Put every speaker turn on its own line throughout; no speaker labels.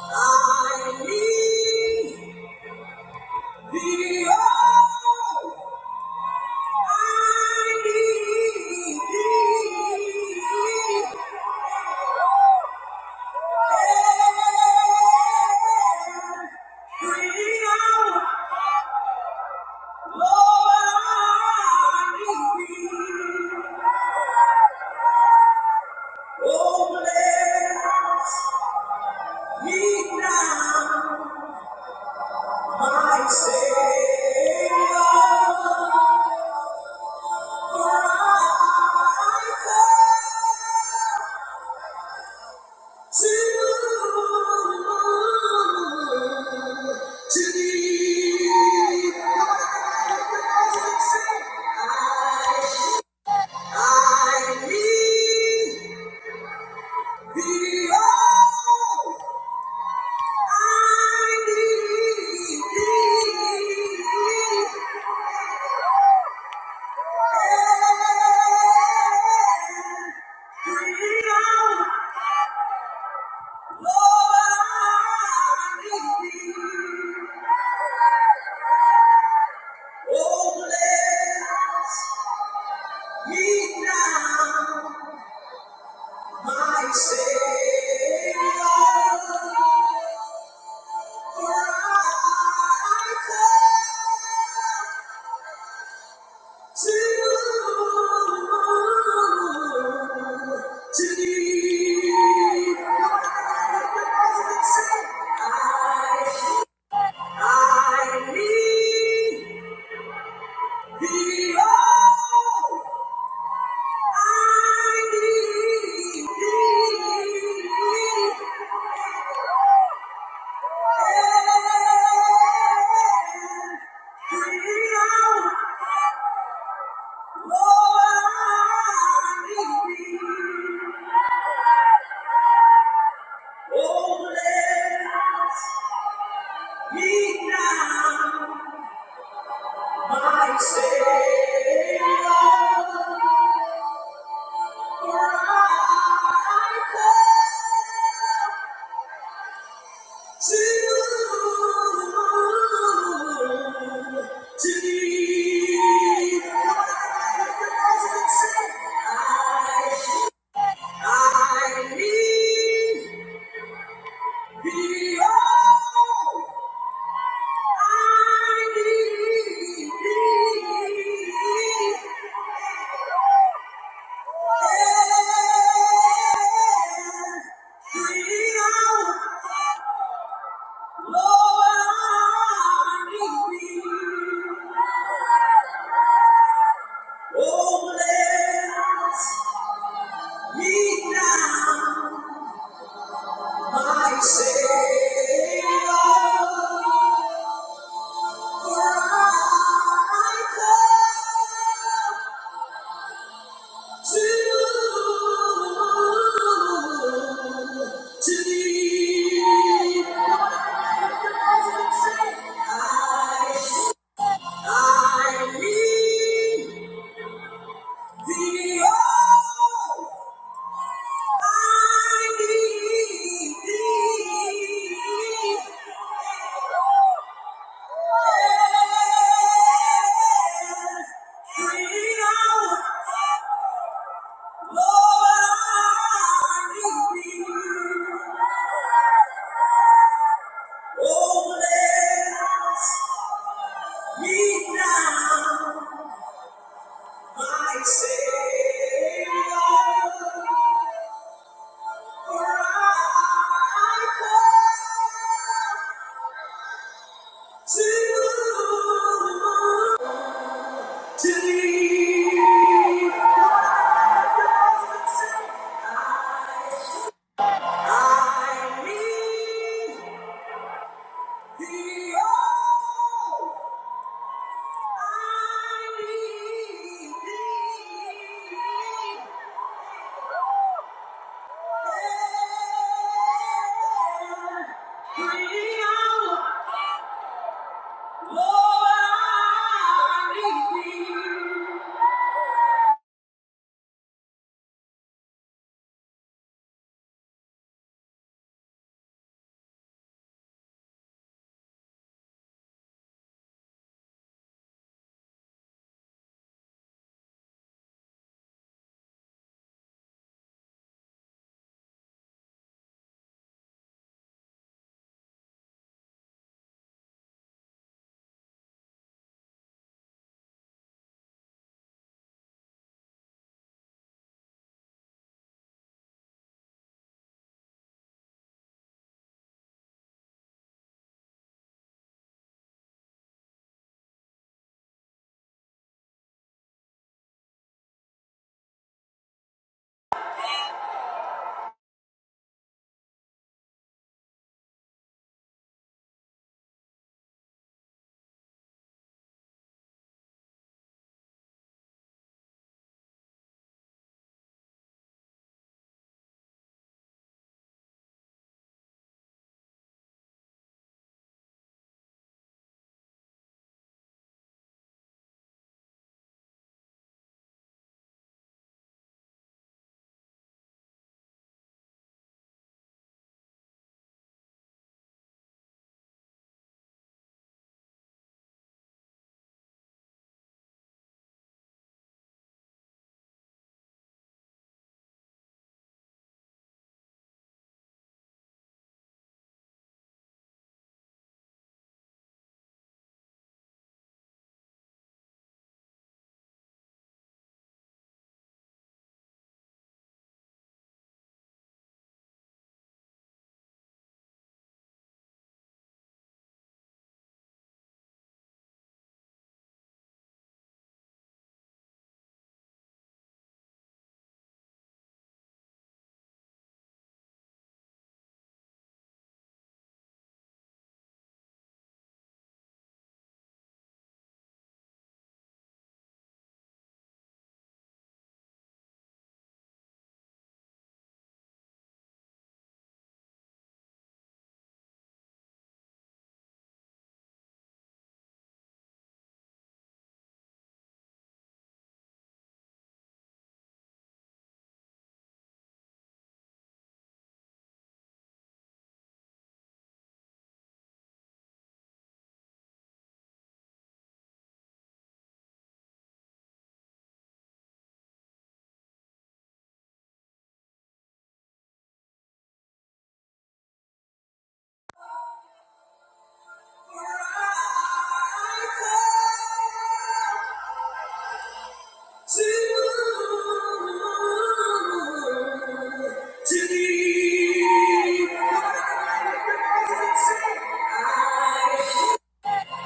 I need thee, oh, I need thee. Every hour, Lord, I need thee. Oh, bless me now, my Savior. Thank you. I need thee, oh. Savior, for I call. Yeah. I need Behold, I need thee. Every hour, Lord, I need thee. Oh, bless me now, my Savior. Three hours. Oh, I need the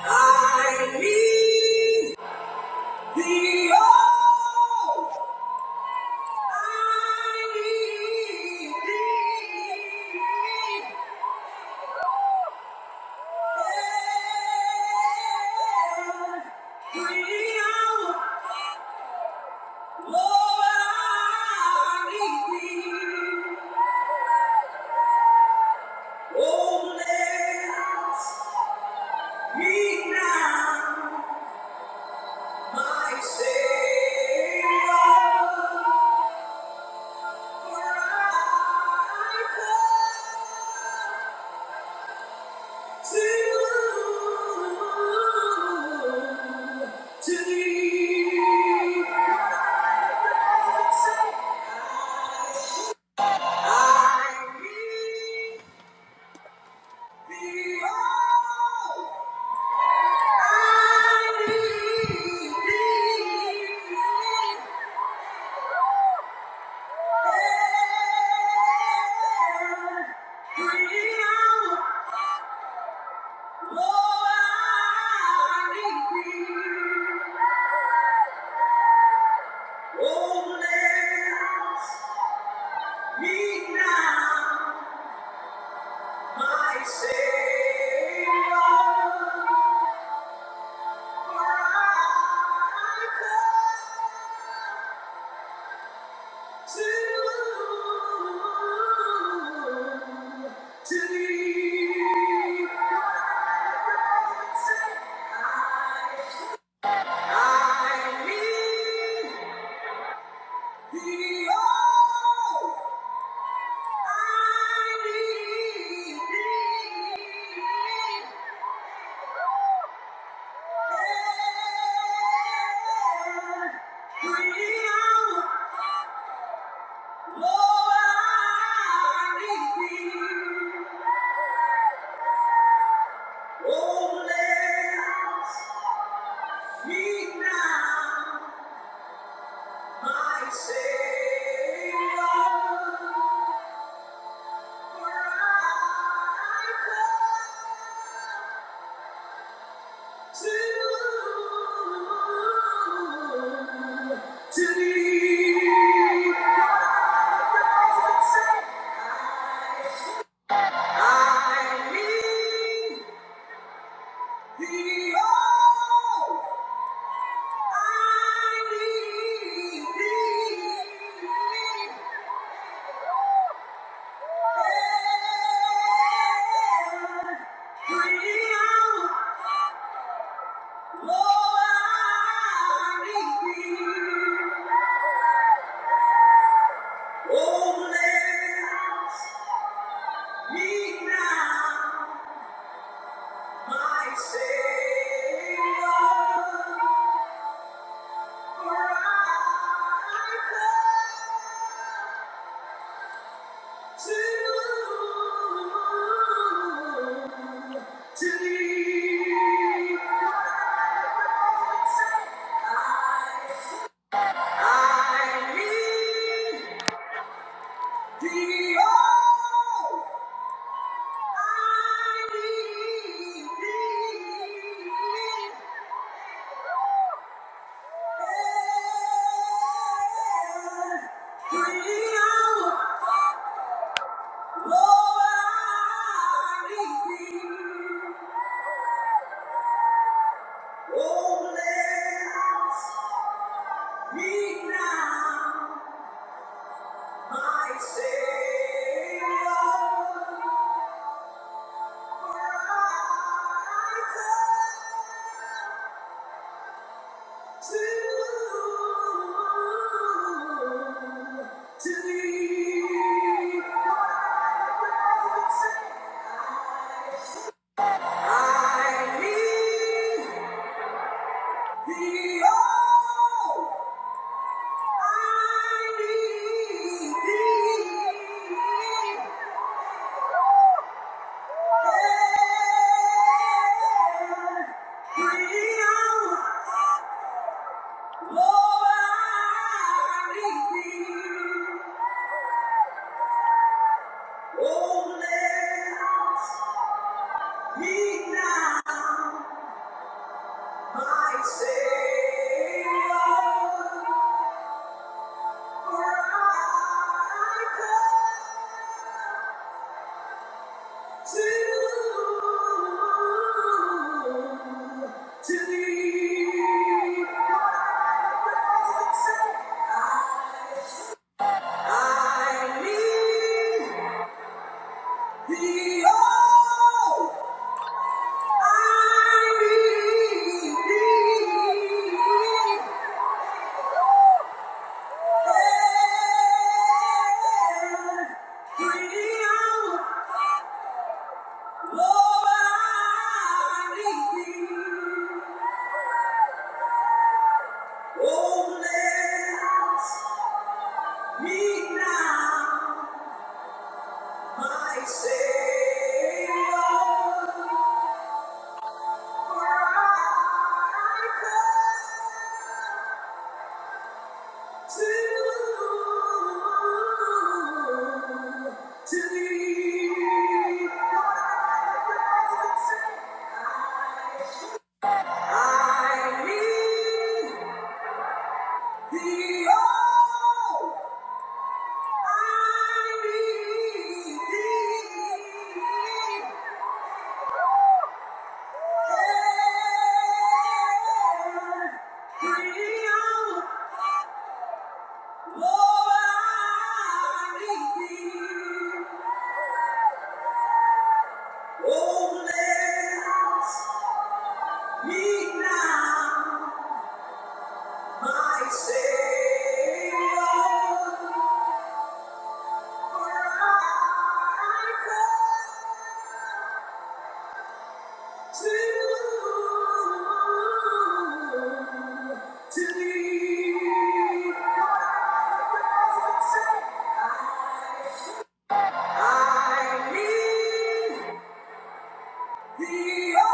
oh. I need thee. Savior, for I Lord, I need you. Oh, me now, my Savior, for I come to, to thee. I need thee, oh. Savior, for I come. Thank To thee, I I need thee, oh, need thee. Every Lord, Oh, bless me now, my Savior. I need Yeah. To thee, I I need Behold, Savior, for I come. Thank you. Oh, bless me now, my Savior, for I come to, to thee. I need the oh.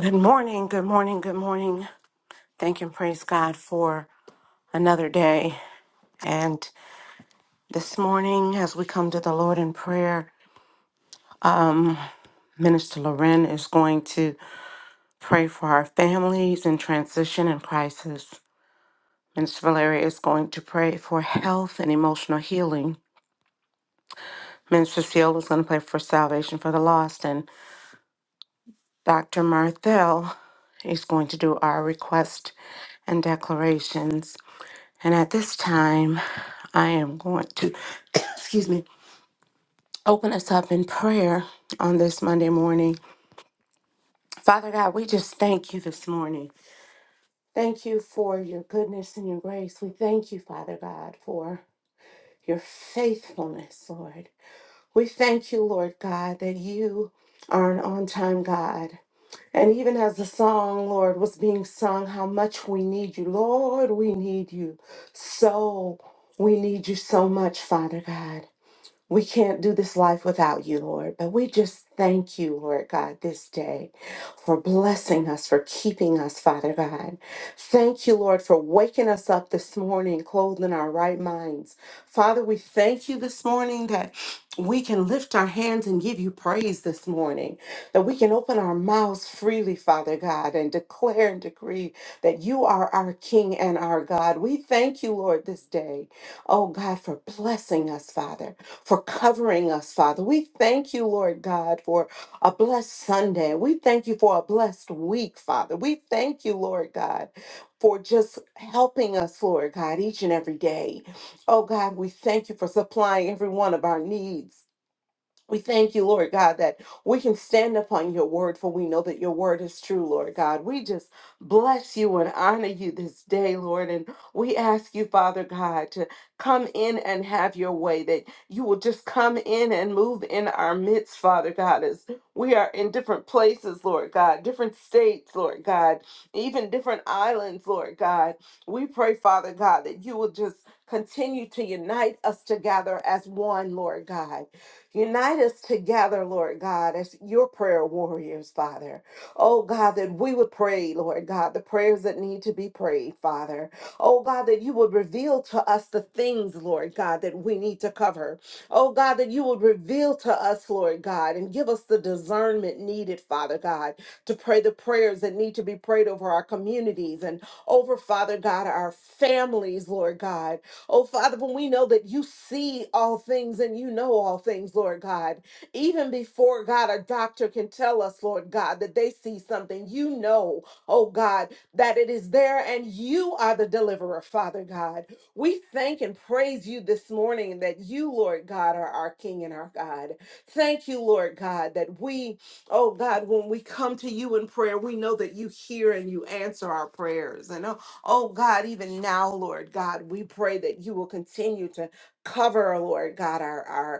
Good morning, good morning, good morning. Thank and praise God for another day. And this morning, as we come to the Lord in prayer, Minister Loren is going to pray for our families in transition and crisis. Minister Valeria is going to pray for health and emotional healing. Minister Seal is going to pray for salvation for the lost. And Dr. Marthel is going to do our request and declarations. And at this time, I am going to, excuse me, open us up in prayer on this Monday morning. Father God, we just thank you this morning. Thank you for your goodness and your grace. We thank you, Father God, for your faithfulness, Lord. We thank you, Lord God, that you are an on time God. And even as the song, Lord, was being sung, how much we need you. Lord, we need you. So we need you so much, Father God. We can't do this life without you, Lord, but we just thank you, Lord God, this day for blessing us, for keeping us, Father God. Thank you, Lord, for waking us up this morning, clothed in our right minds. Father, we thank you this morning that we can lift our hands and give you praise this morning, that we can open our mouths freely, Father God, and declare and decree that you are our King and our God. We thank you, Lord, this day, oh God, for blessing us, Father for covering us, Father. We thank you, Lord God, for a blessed Sunday. We thank you for a blessed week, Father. We thank you, Lord God, for just helping us, Lord God, each and every day. Oh God, we thank you for supplying every one of our needs. We thank you, Lord God, that we can stand upon your word, for we know that your word is true, Lord God. We just bless you and honor you this day, Lord. And we ask you, Father God, to come in and have your way, that you will just come in and move in our midst, Father God, as we are in different places, Lord God, different states, Lord God, even different islands, Lord God. We pray, Father God, that you will just continue to unite us together as one, Lord God. Unite us together, Lord God, as your prayer warriors, Father. Oh God, that we would pray, Lord God, the prayers that need to be prayed, Father. Oh God, that you would reveal to us the things, Lord God, that we need to cover. Oh God, that you would reveal to us, Lord God, and give us the discernment needed, Father God, to pray the prayers that need to be prayed over our communities and over, Father God, our families, Lord God. Oh, Father, when we know that you see all things and you know all things, Lord God, even before God, a doctor can tell us, Lord God, that they see something, you know, oh God, that it is there and you are the deliverer, Father God. We thank and praise you this morning that you, Lord God, are our King and our God. Thank you, Lord God, that we, oh God, when we come to you in prayer, we know that you hear and you answer our prayers. and. oh, Oh God, even now, Lord God, we pray that you will continue to cover, Lord God, our, our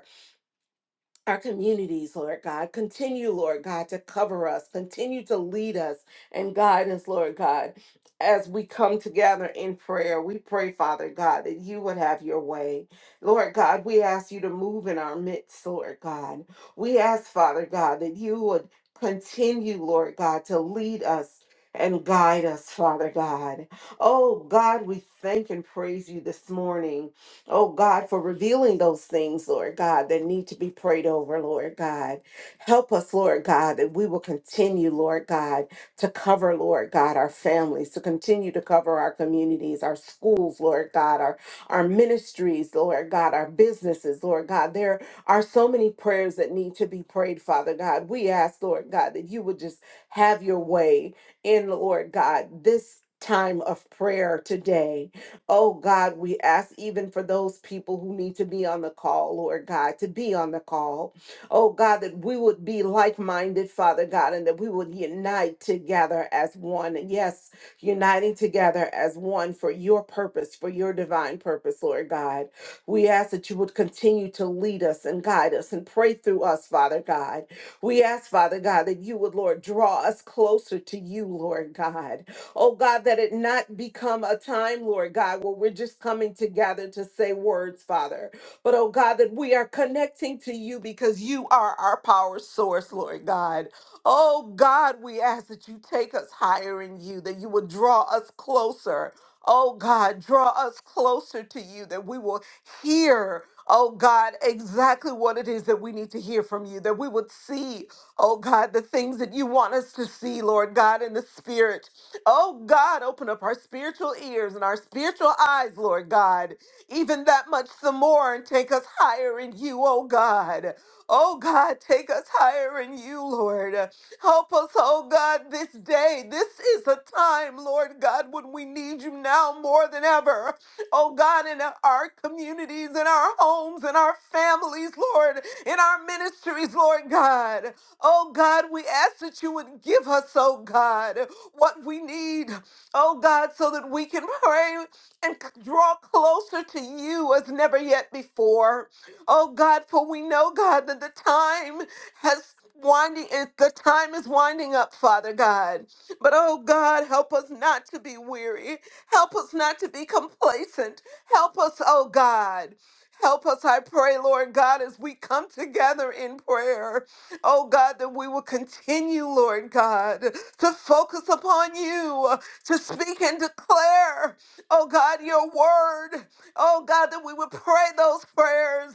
our communities, Lord God. Continue, Lord God, to cover us. Continue to lead us and guide us, Lord God. As we come together in prayer, we pray, Father God, that you would have your way. Lord God, we ask you to move in our midst, Lord God. We ask, Father God, that you would continue, Lord God, to lead us and guide us, Father God. Oh, God, we thank and praise you this morning. Oh God, for revealing those things, Lord God, that need to be prayed over, Lord God. Help us, Lord God, that we will continue, Lord God, to cover, Lord God, our families, to continue to cover our communities, our schools, Lord God, our, our ministries, Lord God, our businesses, Lord God. There are so many prayers that need to be prayed, Father God. We ask, Lord God, that you would just have your way in, Lord God, this time of prayer today. Oh God, we ask even for those people who need to be on the call, Lord God, to be on the call. Oh God, that we would be like minded, Father God, and that we would unite together as one. And yes, uniting together as one for your purpose, for your divine purpose, Lord God. We ask that you would continue to lead us and guide us and pray through us, Father God. We ask, Father God, that you would, Lord, draw us closer to you, Lord God. Oh God, that it not become a time, Lord God, where we're just coming together to say words, Father. But oh God, that we are connecting to you because you are our power source, Lord God. Oh God, we ask that you take us higher in you, that you would draw us closer. Oh God, draw us closer to you, that we will hear, oh God, exactly what it is that we need to hear from you, that we would see, oh God, the things that you want us to see, Lord God, in the spirit. Oh God, open up our spiritual ears and our spiritual eyes, Lord God, even that much the more, and take us higher in you, oh God. Oh God, take us higher in you, Lord. Help us, oh God, this day. This is a time, Lord God, when we need you now more than ever. Oh God, in our communities, in our homes, in our families, Lord, in our ministries, Lord God. Oh God, we ask that you would give us, oh God, what we need, oh God, so that we can pray and c- draw closer to you as never yet before. Oh God, for we know, God, that the time has winding is the time is winding up, Father God. But oh God, help us not to be weary. Help us not to be complacent. Help us, oh God. Help us, I pray, Lord God, as we come together in prayer. Oh God, that we will continue, Lord God, to focus upon you, to speak and declare, oh God, your word. Oh God, that we would pray those prayers.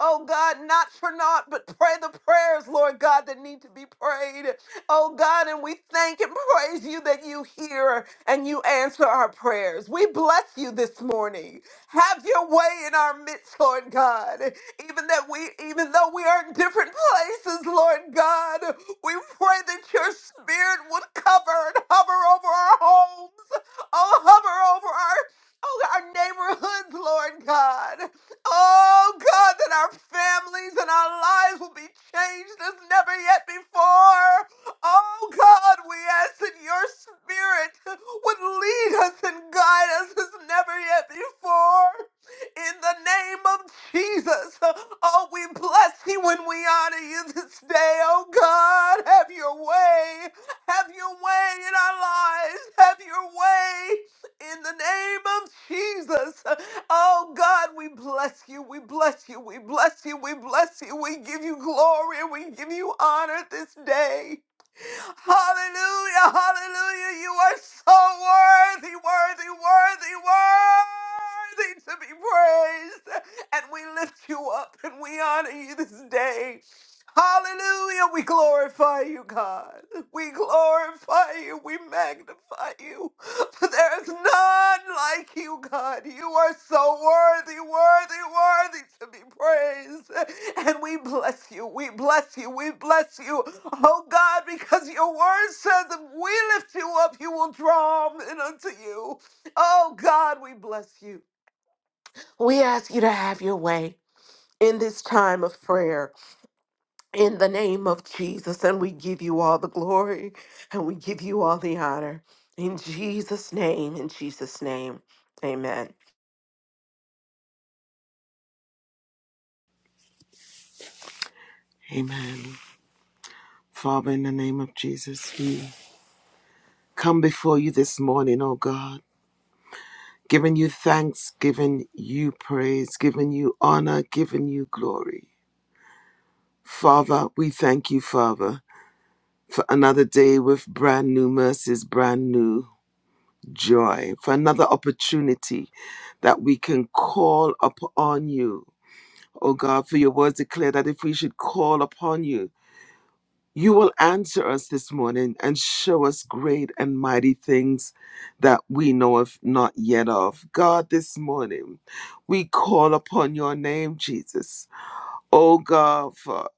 Oh God, not for naught, but pray the prayers, Lord God, that need to be prayed. Oh God, and we we thank and praise you that you hear and you answer our prayers. We bless you this morning. Have your way in our midst, Lord God. Even that we even though we are in different places, Lord God, we pray that your spirit would cover and hover over our homes. Oh, hover over our Oh, our neighborhoods, Lord God. Oh, God, that our families and our lives will be changed as never yet before. Oh God, we ask that your spirit would lead us and guide us as never yet before. In the name of Jesus, oh, we bless you and we honor you this day. Oh God, have your way. Have your way in our lives. Have your way in the name of Jesus. Oh God, we bless you. We bless you. We bless you. We bless you. We give you glory and we give you honor this day. Hallelujah, hallelujah. You are so worthy, worthy, worthy, worthy to be praised. And we lift you up and we honor you this day. Hallelujah. We glorify you, God. We glorify you. We magnify you. For there is none like you, God. You are so worthy, worthy, worthy to be praised. And we bless you. We bless you. We bless you. Oh, God, because your word says if we lift you up, you will draw men unto you. Oh, God, we bless you. We ask you to have your way in this time of prayer in the name of Jesus. And we give you all the glory and we give you all the honor. In Jesus' name, in Jesus' name, amen.
Amen. Father, in the name of Jesus, we come before you this morning, oh God. giving you thanks, giving you praise, giving you honor, giving you glory. Father, we thank you, Father, for another day with brand new mercies, brand new joy, for another opportunity that we can call upon you. Oh God, for your words declare that if we should call upon you, You will answer us this morning and show us great and mighty things that we know of not yet of. God, this morning we call upon your name, Jesus. Oh God, for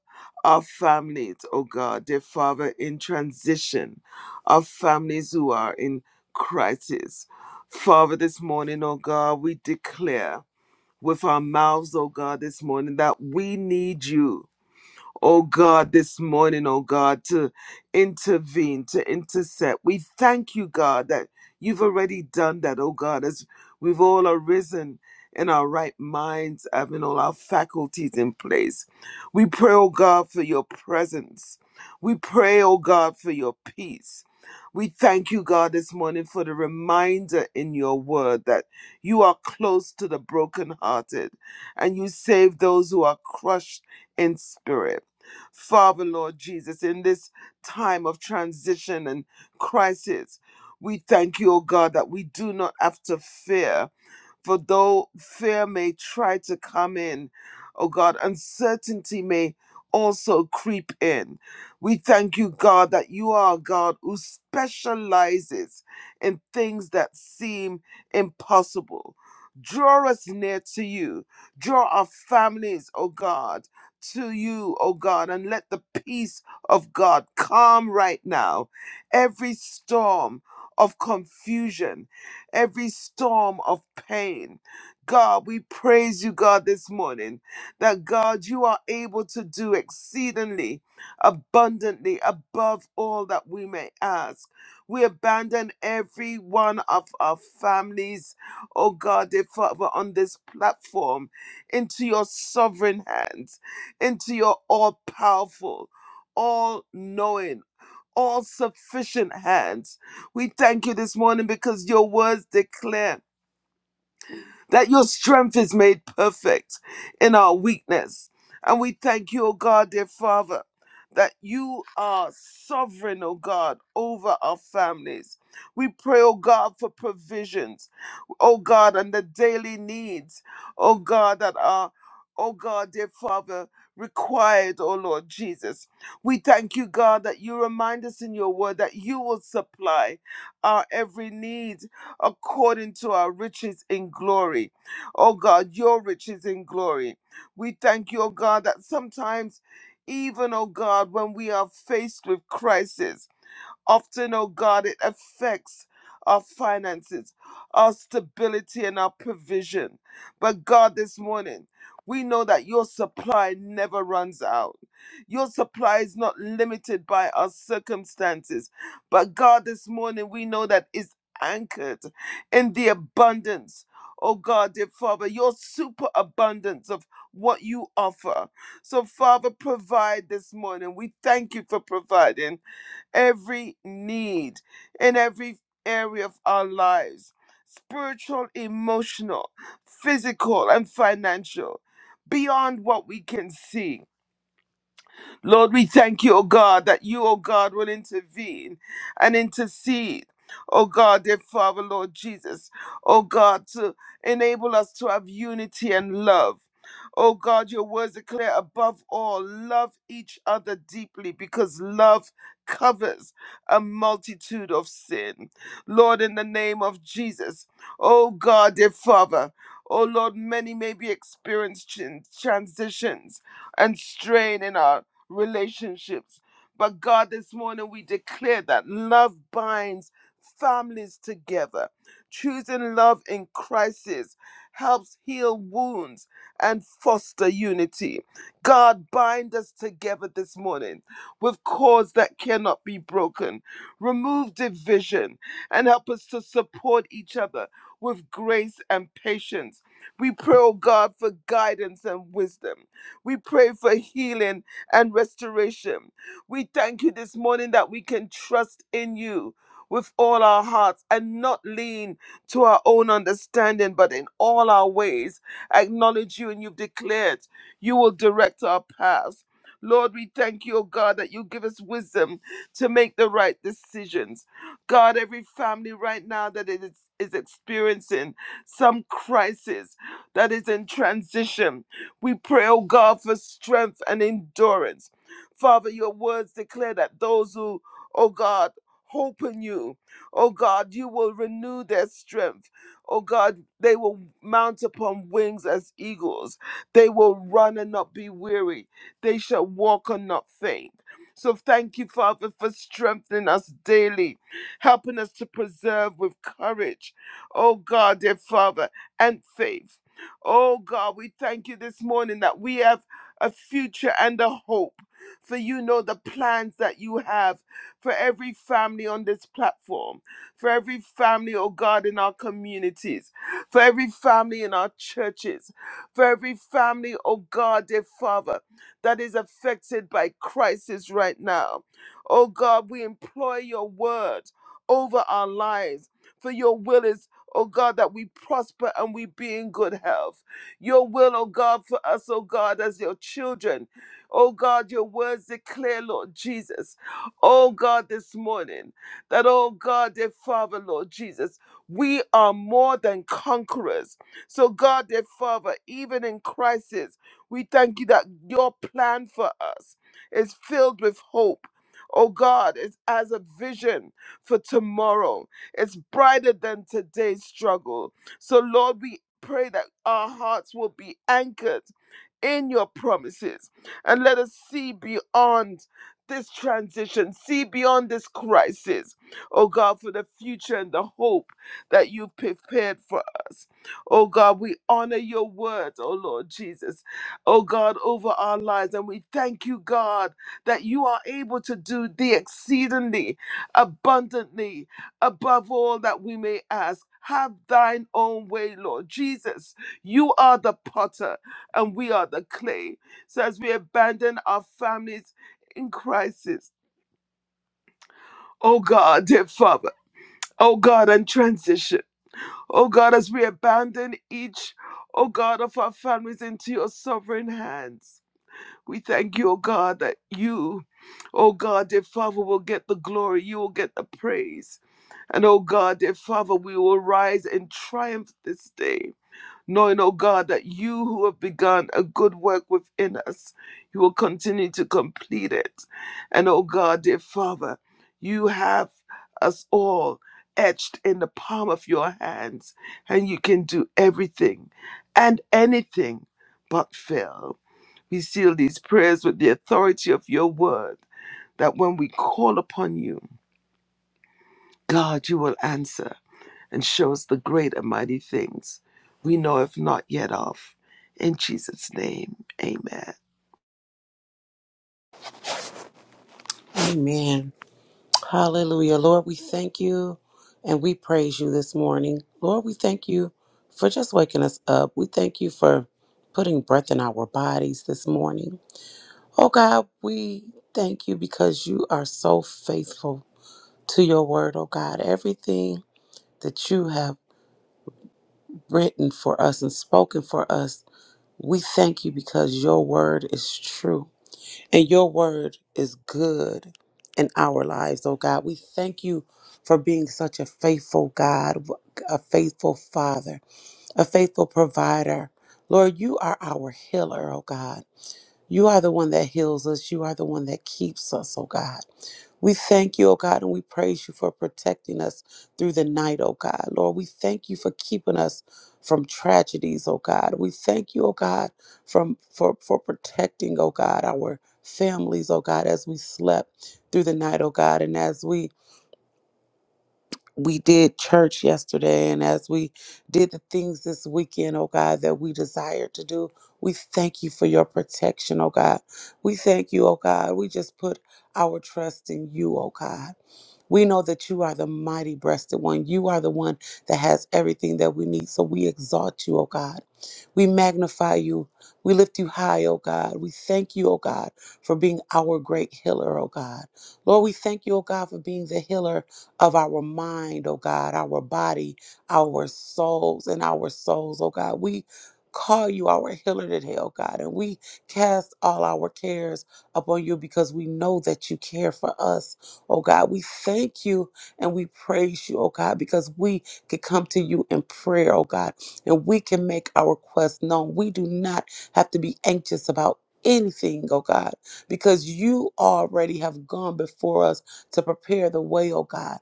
our families, oh God, dear Father, in transition, our families who are in crisis. Father, this morning, oh God, we declare with our mouths, oh God, this morning that we need you oh God, this morning, oh God, to intervene, to intercept. We thank you, God, that you've already done that, oh God, as we've all arisen in our right minds, having all our faculties in place. We pray, oh God, for your presence. We pray, oh God, for your peace. We thank you, God, this morning for the reminder in your word that you are close to the brokenhearted and you save those who are crushed in spirit. Father, Lord Jesus, in this time of transition and crisis. We thank you, O God, that we do not have to fear for though fear may try to come in, oh God, uncertainty may also creep in. We thank you, God, that you are a God who specializes in things that seem impossible. Draw us near to you. Draw our families, oh God, to you, oh God, and let the peace of God calm right now every storm of confusion every storm of pain. God, we praise you, God, this morning that God, you are able to do exceedingly abundantly above all that we may ask. We abandon every one of our families, oh God, dear Father, on this platform into your sovereign hands, into your all powerful, all knowing all sufficient hands. We thank you this morning because your words declare that your strength is made perfect in our weakness. And we thank you, O God, dear Father, that you are sovereign, O God, over our families. We pray, O God, for provisions, O God, and the daily needs, O God, that are, O God, dear Father, required, O Lord Jesus. We thank you, God, that you remind us in your word that you will supply our every need according to our riches in glory. Oh God, your riches in glory. We thank you, oh God, that sometimes, even, oh God, when we are faced with crisis, Often, oh God, it affects our finances, our stability, and our provision. But God, this morning, we know that your supply never runs out. Your supply is not limited by our circumstances. But God, this morning, we know that it's anchored in the abundance. Oh God, dear Father, your superabundance of what you offer. So, Father, provide this morning. We thank you for providing every need in every area of our lives spiritual, emotional, physical, and financial beyond what we can see. Lord, we thank you, O God, that you, O God, will intervene and intercede. O God, dear Father, Lord Jesus, O God, to enable us to have unity and love. O God, your words declare above all, love each other deeply because love covers a multitude of sin. Lord, in the name of Jesus, O God, dear Father, O Lord, many may be experiencing transitions and strain in our relationships. But God, this morning we declare that love binds families together. Choosing love in crisis helps heal wounds and foster unity. God, bind us together this morning with cords that cannot be broken. Remove division and help us to support each other with grace and patience. We pray, oh God, for guidance and wisdom. We pray for healing and restoration. We thank you this morning that we can trust in you with all our hearts and not lean to our own understanding, but in all our ways acknowledge you and you've declared you will direct our paths. Lord, we thank you, O God, that you give us wisdom to make the right decisions. God, every family right now that it is, is experiencing some crisis, that is in transition, we pray, oh God, for strength and endurance. Father, your words declare that those who, oh God, hope in you, oh God, you will renew their strength. Oh God, they will mount upon wings as eagles. They will run and not be weary. They shall walk and not faint. So thank you, Father, for strengthening us daily, helping us to preserve with courage, oh God, dear Father, and faith. Oh God, we thank you this morning that we have a future and a hope. For you know the plans that you have for every family on this platform, for every family, oh God, in our communities, for every family in our churches, for every family, oh God, dear Father, that is affected by crisis right now. Oh God, we employ your word over our lives, for your will is oh God, that we prosper and we be in good health. Your will, oh God, for us, oh God, as your children. Oh God, your words declare, Lord Jesus. Oh God, this morning, that, oh God, dear Father, Lord Jesus, we are more than conquerors. So, God, dear Father, even in crisis, we thank you that your plan for us is filled with hope. Oh God, it's as a vision for tomorrow. It's brighter than today's struggle. So, Lord, we pray that our hearts will be anchored in your promises and let us see beyond this transition, see beyond this crisis, oh God, for the future and the hope that you've prepared for us. Oh God, we honor your word, oh Lord Jesus, oh God, over our lives. And we thank you, God, that you are able to do the exceedingly abundantly above all that we may ask. Have thine own way, Lord Jesus. You are the potter and we are the clay. So as we abandon our families in crisis, oh God, dear Father, oh God, and transition, oh God, as we abandon each, oh God, of our families into your sovereign hands. We thank you, oh God, that you, oh God, dear Father, will get the glory, you will get the praise. And oh God, dear Father, we will rise in triumph this day, knowing, oh God, that you who have begun a good work within us, you will continue to complete it. And oh God, dear Father, you have us all etched in the palm of your hands, and you can do everything and anything but fail. We seal these prayers with the authority of your word, that when we call upon you, God, you will answer and show us the great and mighty things we know if not yet of. In Jesus' name, amen.
Amen. Hallelujah. Lord, we thank you and we praise you this morning. Lord, we thank you for just waking us up. We thank you for putting breath in our bodies this morning. Oh God, we thank you because you are so faithful to your word, oh God. Everything that you have written for us and spoken for us, we thank you because your word is true. And your word is good in our lives, oh God. We thank you for being such a faithful God, a faithful Father, a faithful provider. Lord, you are our healer, oh God. You are the one that heals us. You are the one that keeps us, oh God. We thank you, O God, and we praise you for protecting us through the night, O God. Lord, we thank you for keeping us from tragedies, O God. We thank you, O God, from for, for protecting, O God, our families, O God, as we slept through the night, O God, and as we we did church yesterday, and as we did the things this weekend, oh God, that we desire to do, we thank you for your protection, oh God. We thank you, oh God. We just put our trust in you, oh God. We know that you are the mighty breasted one. You are the one that has everything that we need. So we exalt you, O God. We magnify you. We lift you high, O God. We thank you, O God, for being our great healer, O God. Lord, we thank you, O God, for being the healer of our mind, oh God, our body, our souls, and our souls, oh God. We call you our healer today, oh God, and we cast all our cares upon you because we know that you care for us, oh God. We thank you and we praise you, oh God, because we can come to you in prayer, oh God, and we can make our quest known. We do not have to be anxious about anything, oh God, because you already have gone before us to prepare the way, oh God.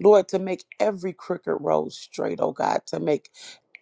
Lord, to make every crooked road straight, oh God, to make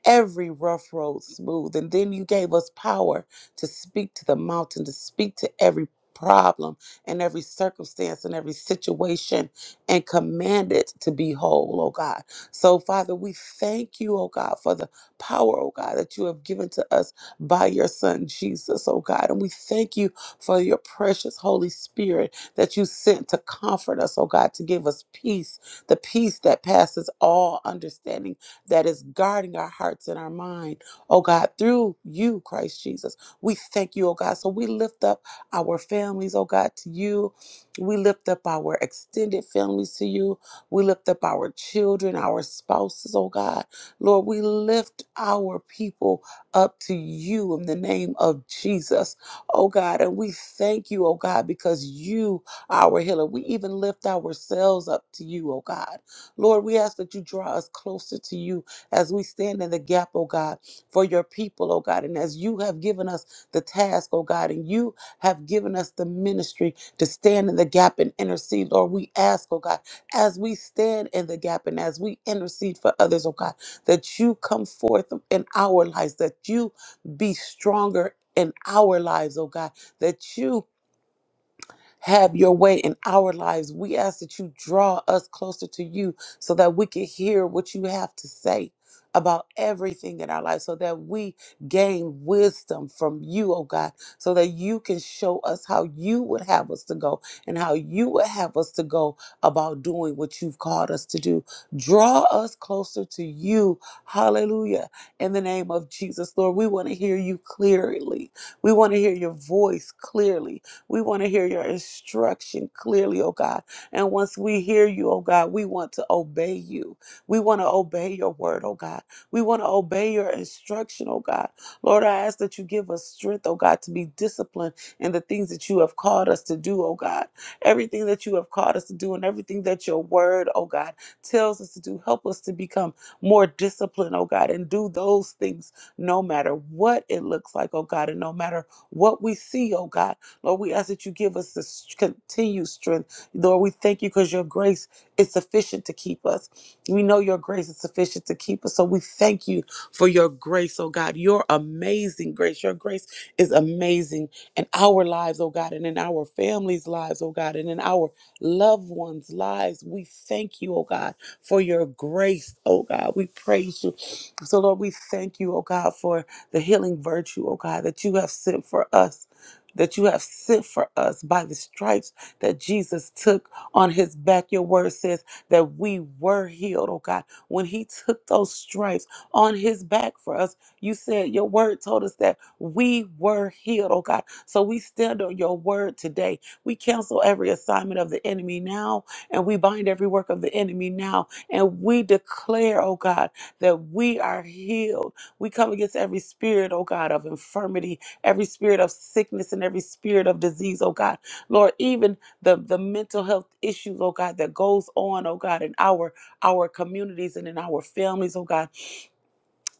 every rough road smooth. And then you gave us power to speak to the mountain, to speak to every problem and every circumstance and every situation and command it to be whole, oh God. So, Father, we thank you, oh God, for the power, oh God, that you have given to us by your Son, Jesus, oh God. And we thank you for your precious Holy Spirit that you sent to comfort us, oh God, to give us peace, the peace that passes all understanding that is guarding our hearts and our mind, oh God, through you, Christ Jesus. We thank you, oh God. So we lift up our families, oh God, to you. We lift up our extended families to you. We lift up our children, our spouses, oh God. Lord, we lift our people up to you in the name of Jesus, oh God. And we thank you, oh God, because you are our healer. We even lift ourselves up to you, oh God. Lord, we ask that you draw us closer to you as we stand in the gap, oh God, for your people, oh God. And as you have given us the task, oh God, and you have given us the ministry to stand in the gap and intercede, Lord, we ask, oh God, as we stand in the gap and as we intercede for others, oh God, that you come forth in our lives, that you be stronger. In our lives, oh God, that you have your way in our lives. We ask that you draw us closer to you so that we can hear what you have to say about everything in our life so that we gain wisdom from you, oh God, so that you can show us how you would have us to go and how you would have us to go about doing what you've called us to do. Draw us closer to you. Hallelujah. In the name of Jesus, Lord, we want to hear you clearly. We want to hear your voice clearly. We want to hear your instruction clearly, oh God. And once we hear you, oh God, we want to obey you. We want to obey your word, oh God. We want to obey your instruction, oh God. Lord, I ask that you give us strength, oh God, to be disciplined in the things that you have called us to do, oh God. Everything that you have called us to do and everything that your word, oh God, tells us to do. Help us to become more disciplined, oh God, and do those things no matter what it looks like, oh God, and no matter what we see, oh God. Lord, we ask that you give us the continued strength. Lord, we thank you because your grace is sufficient to keep us. We know your grace is sufficient to keep us. So we thank you for your grace, oh God, your amazing grace. Your grace is amazing in our lives, oh God, and in our families' lives, oh God, and in our loved ones' lives. We thank you, oh God, for your grace, oh God. We praise you. So, Lord, we thank you, oh God, for the healing virtue, oh God, that you have sent for us that you have sent for us by the stripes that Jesus took on his back. Your word says that we were healed, oh God. When he took those stripes on his back for us, you said your word told us that we were healed, oh God. So we stand on your word today. We cancel every assignment of the enemy now, and we bind every work of the enemy now. And we declare, oh God, that we are healed. We come against every spirit, oh God, of infirmity every spirit of sickness and every spirit of disease, oh God. Lord, even the, the mental health issues, oh God, that goes on, oh God, in our our communities and in our families, oh God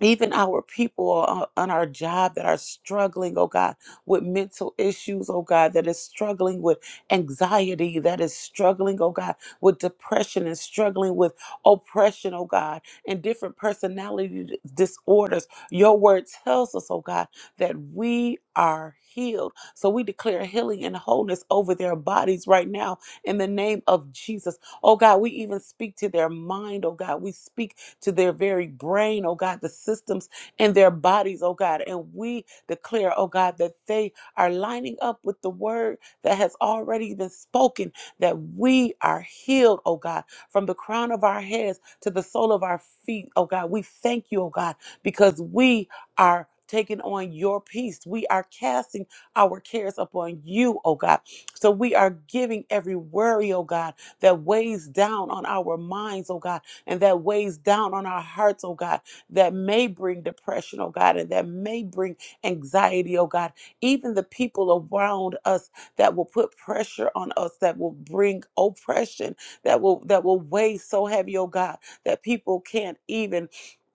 even our people on on our job that are struggling, oh God, with mental issues, oh God, that is struggling with anxiety, that is struggling, oh God, with depression and struggling with oppression, oh God, and different personality d- disorders. Your word tells us, oh God, that we are healed. So we declare healing and wholeness over their bodies right now in the name of Jesus. Oh God, we even speak to their mind, oh God. We speak to their very brain, oh God, the systems in their bodies, oh God. And we declare, oh God, that they are lining up with the word that has already been spoken, that we are healed, oh God, from the crown of our heads to the sole of our feet, oh God. We thank you, oh God, because we are. Taking on your peace. We are casting our cares upon you, oh God. So we are giving every worry, oh God, that weighs down on our minds, oh God and that weighs down on our hearts, oh God, that may bring depression, oh God, and that may bring anxiety, oh God. Even the people around us that will put pressure on us, that will bring oppression, that will that will weigh so heavy, oh God, that people can't even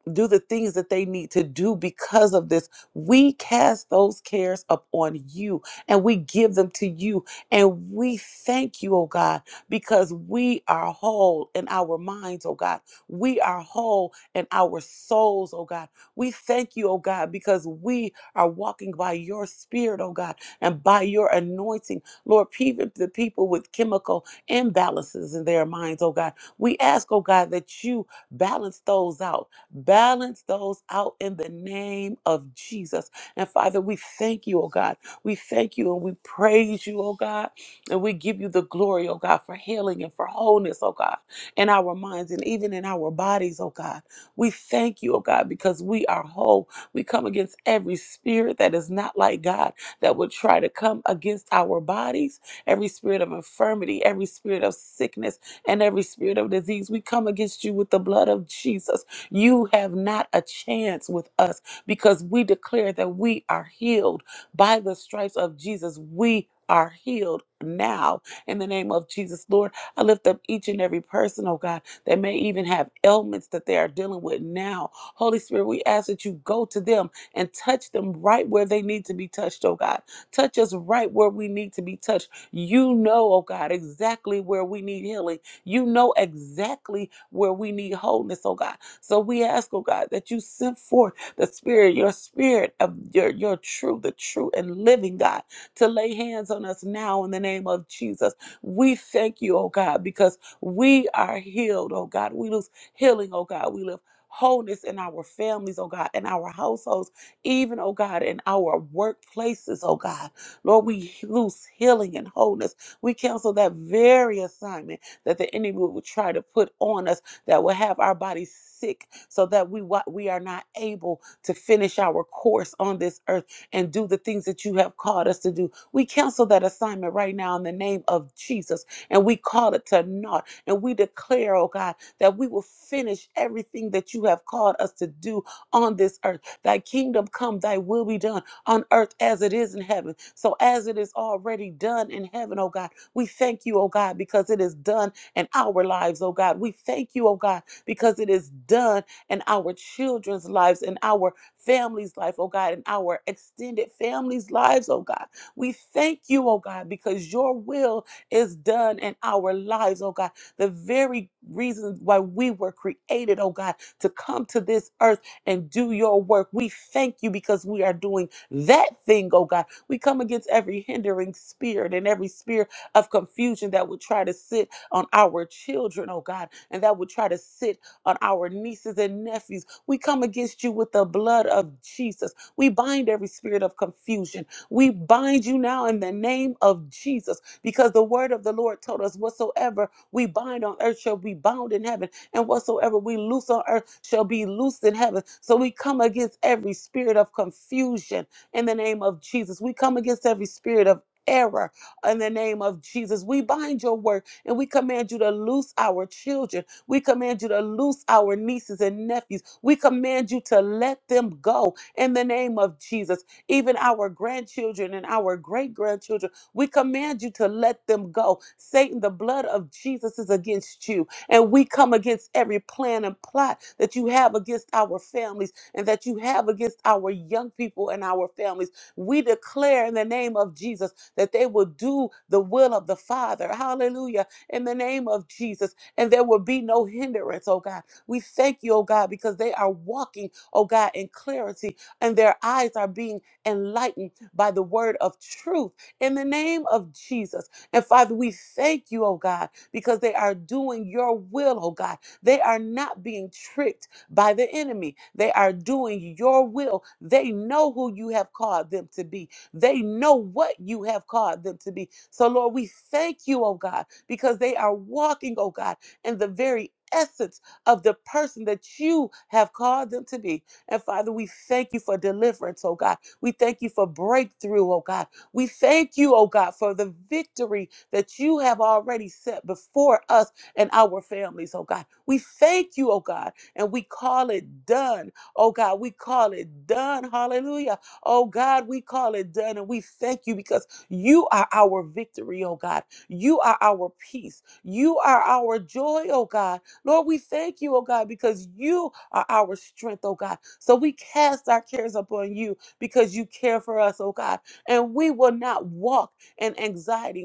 do the things that they need to do because of this. We cast those cares upon you and we give them to you. And we thank you, oh God, because we are whole in our minds, oh God. We are whole in our souls, oh God. We thank you, oh God, because we are walking by your spirit, oh God, and by your anointing. Lord, even the people with chemical imbalances in their minds, oh God. We ask, oh God, that you balance those out Balance those out in the name of Jesus. And Father, we thank you, oh God. We thank you and we praise you, oh God. And we give you the glory, oh God, for healing and for wholeness, oh God, in our minds and even in our bodies, oh God. We thank you, oh God, because we are whole. We come against every spirit that is not like God that would try to come against our bodies, every spirit of infirmity, every spirit of sickness, and every spirit of disease. We come against you with the blood of Jesus. You have not a chance with us because we declare that we are healed by the stripes of Jesus. We are healed now in the name of Jesus, Lord. I lift up each and every person, oh God, that may even have ailments that they are dealing with now. Holy Spirit, we ask that you go to them and touch them right where they need to be touched, oh God. Touch us right where we need to be touched. You know, oh God, exactly where we need healing. You know exactly where we need wholeness, oh God. So we ask, oh God, that you send forth the spirit, your spirit of your, your true, the true and living God, to lay hands on us now in the name of Jesus. We thank you, oh God, because we are healed, oh God. We lose healing, oh God. We live wholeness in our families, oh God, in our households, even, oh God, in our workplaces, oh God. Lord, we lose healing and wholeness. We cancel that very assignment that the enemy would try to put on us that will have our bodies sick so that we we are not able to finish our course on this earth and do the things that you have called us to do. We cancel that assignment right now in the name of Jesus and we call it to naught. And we declare, oh God, that we will finish everything that you have called us to do on this earth. Thy kingdom come, thy will be done on earth as it is in heaven. So as it is already done in heaven, oh God, we thank you, oh God, because it is done and our lives, oh God. We thank you, oh God, because it is done in our children's lives, in our family's life, oh God, in our extended family's lives, oh God. We thank you, oh God, because your will is done in our lives, oh God. The very reason why we were created, oh God, to come to this earth and do your work. We thank you because we are doing that thing, oh God. We come against every hindering spirit and every spirit of confusion that would try to sit on our children, oh God, and that would try to sit on our nieces and nephews. We come against you with the blood of Jesus. We bind every spirit of confusion. We bind you now in the name of Jesus because the word of the Lord told us whatsoever we bind on earth shall be bound in heaven, and whatsoever we loose on earth shall be loosed in heaven. So we come against every spirit of confusion in the name of Jesus. We come against every spirit of error in the name of Jesus. We bind your word. And we command you to loose our children. We command you to loose our nieces and nephews. We command you to let them go in the name of Jesus. Even our grandchildren and our great grandchildren, we command you to let them go. Satan, the blood of Jesus is against you. And we come against every plan and plot that you have against our families and that you have against our young people and our families. We declare in the name of Jesus that they will do the will of the Father. Hallelujah in the name of Jesus, and there will be no hindrance, oh God. We thank you, oh God, because they are walking, oh God, in clarity, and their eyes are being enlightened by the word of truth in the name of Jesus. And Father, we thank you, oh God, because they are doing your will, oh God. They are not being tricked by the enemy, they are doing your will. They know who you have called them to be, they know what you have called them to be. So, Lord, we thank you, oh God because they are walking, oh God, in the very essence of the person that you have called them to be. And Father, we thank you for deliverance, oh God. We thank you for breakthrough, oh God. We thank you, oh God, for the victory that you have already set before us and our families, oh God. We thank you, oh God, and we call it done, oh God. We call it done. Hallelujah. Oh God, we call it done, and we thank you because you are our victory, oh God. You are our peace. You are our joy, oh God. Lord, we thank you, oh God, because you are our strength, oh God. So we cast our cares upon you because you care for us, oh God. And we will not walk in anxiety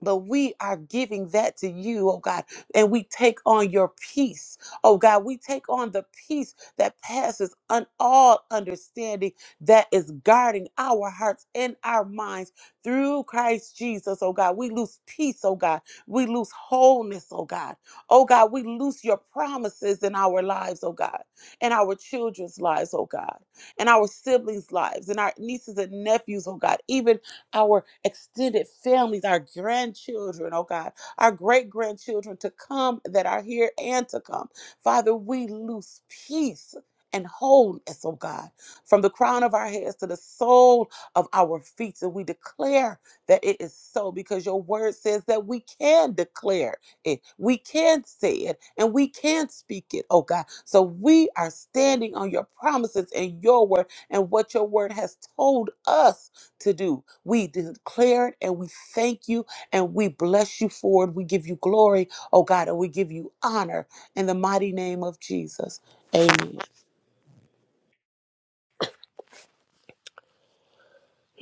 but we are giving that to you, oh God, and we take on your peace, oh God. We take on the peace that passes on all understanding that is guarding our hearts and our minds through Christ Jesus, oh God. We lose peace, oh God. We lose wholeness, oh God. Oh God, we lose your promises in our lives, oh God, in our children's lives, oh God, in our siblings' lives, in our nieces and nephews, oh God, even our extended families, our grandchildren, oh God, our great grandchildren to come that are here and to come. Father, we loose peace. And wholeness, oh God, from the crown of our heads to the sole of our feet. And we declare that it is so because your word says that we can declare it. We can say it and we can speak it, oh God. So we are standing on your promises and your word and what your word has told us to do. We declare it and we thank you and we bless you for it. We give you glory, oh God, and we give you honor in the mighty name of Jesus. Amen.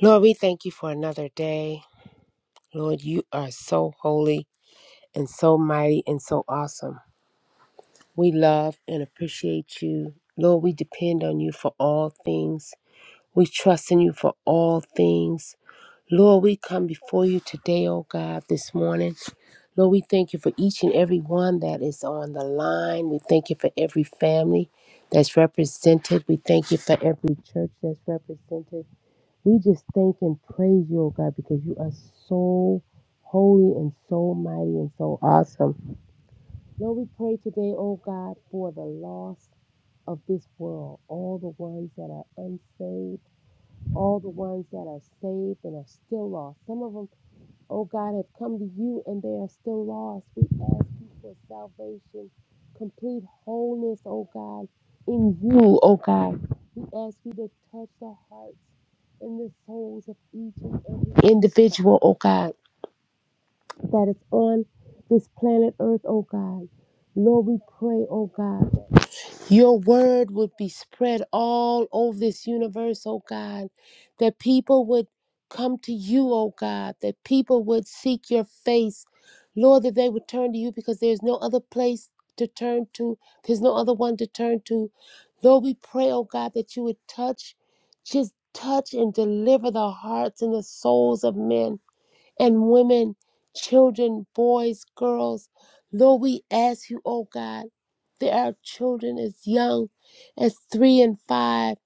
Lord, we thank you for another day. Lord, you are so holy and so mighty and so awesome. We love and appreciate you. Lord, we depend on you for all things. We trust in you for all things. Lord, we come before you today, oh God, this morning. Lord, we thank you for each and every one that is on the line. We thank you for every family that's represented. We thank you for every church that's represented. We just thank and praise you, oh God, because you are so holy and so mighty and so awesome. Lord, we pray today, oh God, for the lost of this world, all the ones that are unsaved, all the ones that are saved and are still lost. Some of them oh God, have come to you and they are still lost. We ask you for salvation, complete wholeness, oh God, in you, oh God. We ask you to touch the hearts and the souls of each and every individual, oh God, that is on this planet earth, oh God. Lord, we pray, oh God. Your word would be spread all over this universe, oh God, that people would come to you, oh God, that people would seek your face. Lord, that they would turn to you because there's no other place to turn to, there's no other one to turn to. Lord, we pray, oh God, that you would touch, just touch and deliver the hearts and the souls of men and women, children, boys, girls. Lord, we ask you, oh God, that our children as young as three and five,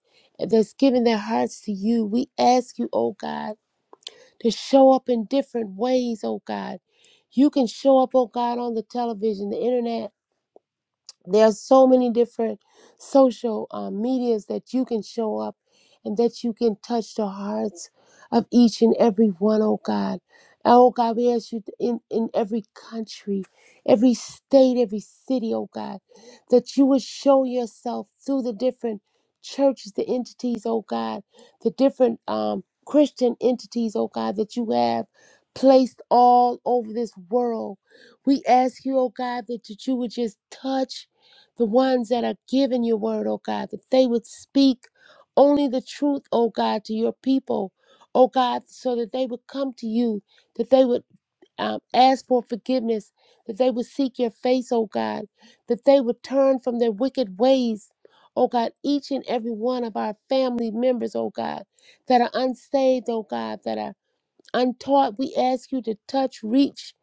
that's giving their hearts to you. We ask you, oh God, to show up in different ways, oh God. You can show up, oh God, on the television, the internet. There are so many different social um, medias that you can show up and that you can touch the hearts of each and every one, oh God. Oh God, we ask you in, in every country, every state, every city, oh God, that you would show yourself through the different churches, the entities, oh God, the different um, Christian entities, oh God, that you have placed all over this world. We ask you, oh God, that, that you would just touch the ones that are giving your word, oh God, that they would speak only the truth, oh God, to your people, oh God, so that they would come to you, that they would um, ask for forgiveness, that they would seek your face, oh God, that they would turn from their wicked ways. Oh God, each and every one of our family members, oh God, that are unsaved, oh God, that are untaught, we ask you to touch, reach,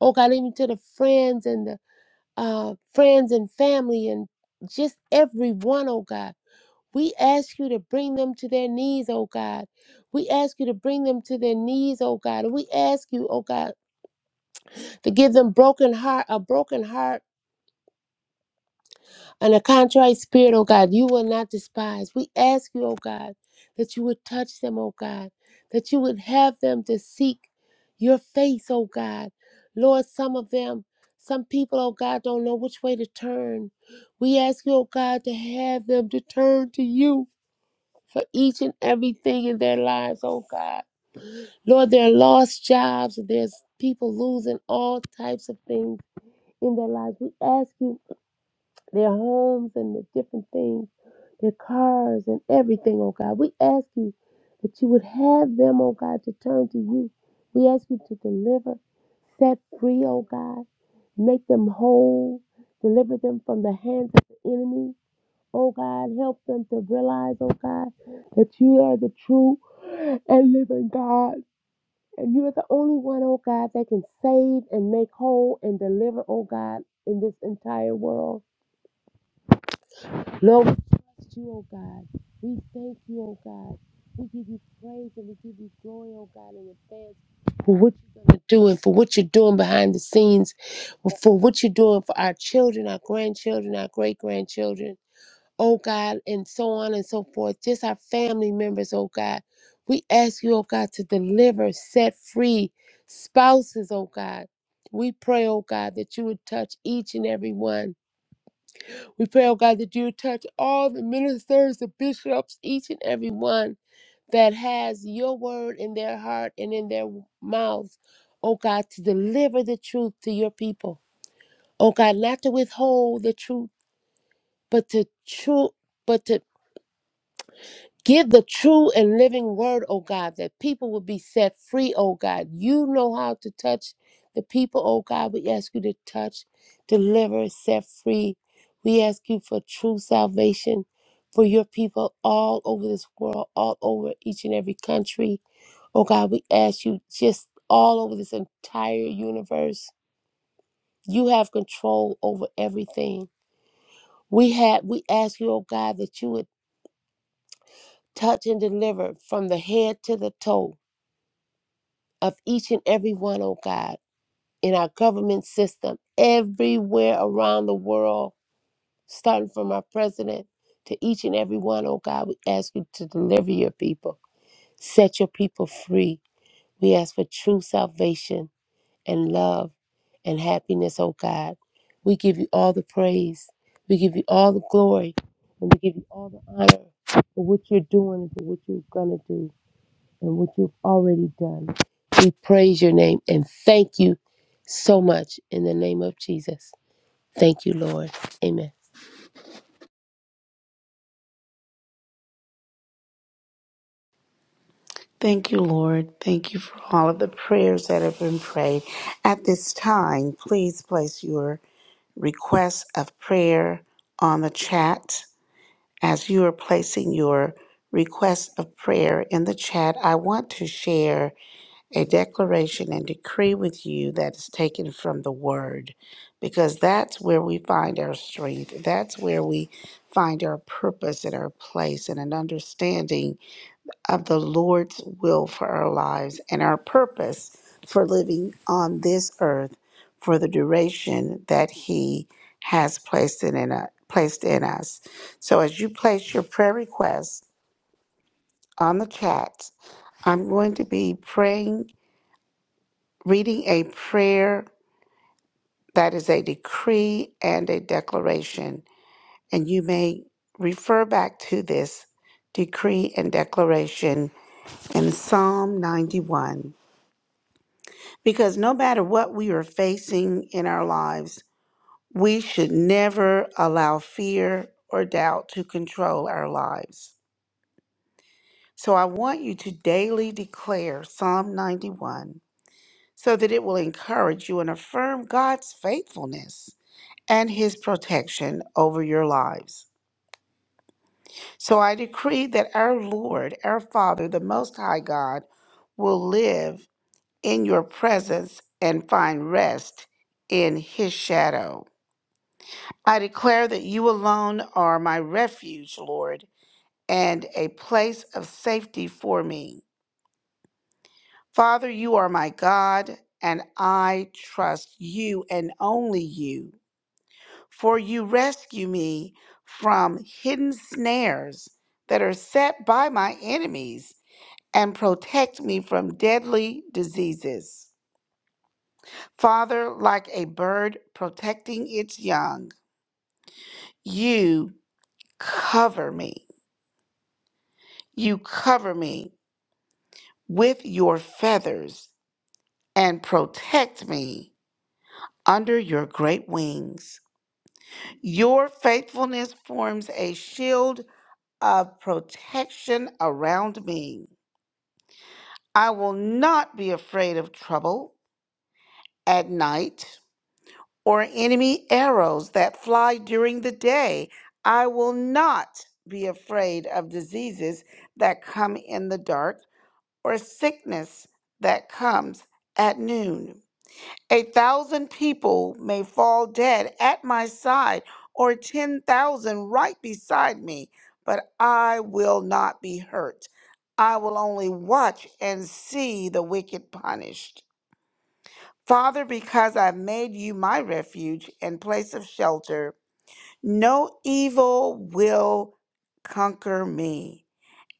oh God, even to the friends and the uh, friends and family and just everyone, oh God. We ask you to bring them to their knees, oh God. We ask you to bring them to their knees, oh God. We ask you, oh God, to give them broken heart, a broken heart and a contrite spirit, oh God, you will not despise. We ask you, oh God, that you would touch them, oh God, that you would have them to seek your face, oh God. Lord, some of them, some people, oh God, don't know which way to turn. We ask you, oh God, to have them to turn to you for each and everything in their lives, oh God. Lord, there are lost jobs, there's people losing all types of things in their lives. We ask you their homes and the different things, their cars and everything, oh God. We ask you that you would have them, oh God, to turn to you. We ask you to deliver, set free, oh God. Make them whole, deliver them from the hands of the enemy. Oh God, help them to realize, oh God, that you are the true and living God. And you are the only one, oh God, that can save and make whole and deliver, oh God, in this entire world. Lord, we trust you, oh God. We thank you, oh God. We give you praise and we give you glory, oh God, in advance for what you're going to do and for what you're doing behind the scenes, for what you're doing for our children, our grandchildren, our great grandchildren, oh God, and so on and so forth. Just our family members, oh God. We ask you, oh God, to deliver, set free spouses, oh God. We pray, oh God, that you would touch each and every one. We pray, oh God, that you touch all the ministers, the bishops, each and every one that has your word in their heart and in their mouths, oh God, to deliver the truth to your people. Oh God, not to withhold the truth, but to true, but to Give the true and living word, oh God, that people will be set free, oh God. You know how to touch the people, oh God. We ask you to touch, deliver, set free. We ask you for true salvation for your people all over this world, all over each and every country. Oh God, we ask you just all over this entire universe. You have control over everything. We have we ask you, oh God, that you would touch and deliver from the head to the toe of each and every one, oh God, in our government system, everywhere around the world, starting from our president to each and every one, oh God, we ask you to deliver your people, set your people free. We ask for true salvation and love and happiness, oh God. We give you all the praise, we give you all the glory, and we give you all the honor for what you're doing and for what you're going to do and what you've already done. We praise your name and thank you so much in the name of Jesus. Thank you, Lord. Amen.
Thank you, Lord. Thank you for all of the prayers that have been prayed. At this time, please place your request of prayer on the chat. As you are placing your request of prayer in the chat, I want to share a declaration and decree with you that is taken from the Word, because that's where we find our strength. That's where we find our purpose and our place and an understanding of the Lord's will for our lives and our purpose for living on this earth for the duration that He has placed in, in u- placed in us. So, as you place your prayer requests on the chat, I'm going to be praying, reading a prayer that is a decree and a declaration, and you may refer back to this decree and declaration in Psalm 91. Because no matter what we are facing in our lives, we should never allow fear or doubt to control our lives. So I want you to daily declare Psalm 91 so that it will encourage you and affirm God's faithfulness and his protection over your lives. So I decree that our Lord, our Father, the Most High God, will live in your presence and find rest in his shadow. I declare that you alone are my refuge, Lord, and a place of safety for me. Father, you are my God, and I trust you and only you, for you rescue me from hidden snares that are set by my enemies and protect me from deadly diseases. Father, like a bird protecting its young, you cover me. You cover me with your feathers and protect me under your great wings. Your faithfulness forms a shield of protection around me. I will not be afraid of trouble at night or enemy arrows that fly during the day. I will not be afraid of diseases that come in the dark or sickness that comes at noon. A thousand people may fall dead at my side, or ten thousand right beside me, but I will not be hurt. I will only watch and see the wicked punished. Father, because I've made you my refuge and place of shelter, no evil will conquer me,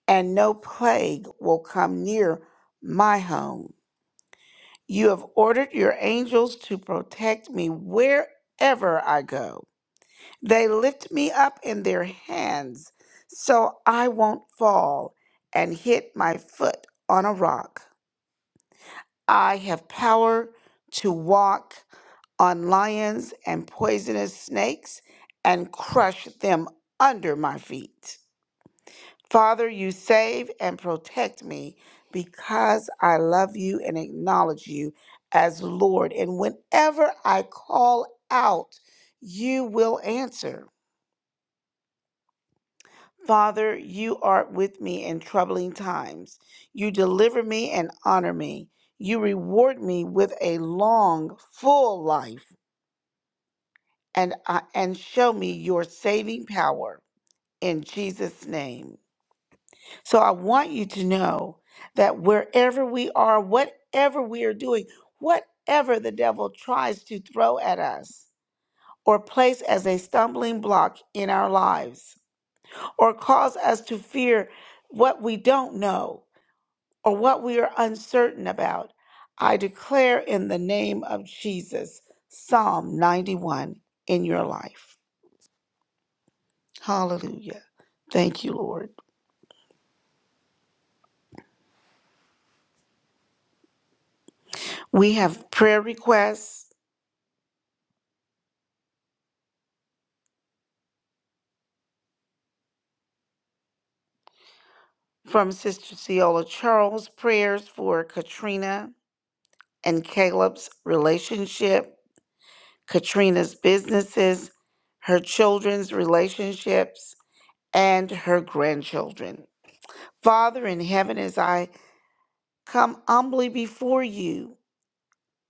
and no plague will come near my home. You have ordered your angels to protect me wherever I go. They lift me up in their hands so I won't fall and hit my foot on a rock. I have power to walk on lions and poisonous snakes and crush them under my feet. Father, you save and protect me because I love you and acknowledge you as Lord. And whenever I call out, you will answer. Father, you are with me in troubling times. You deliver me and honor me. You reward me with a long, full life and, I and show me your saving power. In Jesus' name. So I want you to know that wherever we are, whatever we are doing, whatever the devil tries to throw at us or place as a stumbling block in our lives or cause us to fear what we don't know or what we are uncertain about, I declare in the name of Jesus, Psalm 91 in your life. Hallelujah. Thank you, Lord. We have prayer requests. From Sister Ciola Charles, prayers for Katrina and Caleb's relationship, Katrina's businesses, her children's relationships, and her grandchildren. Father in heaven, as I come humbly before you,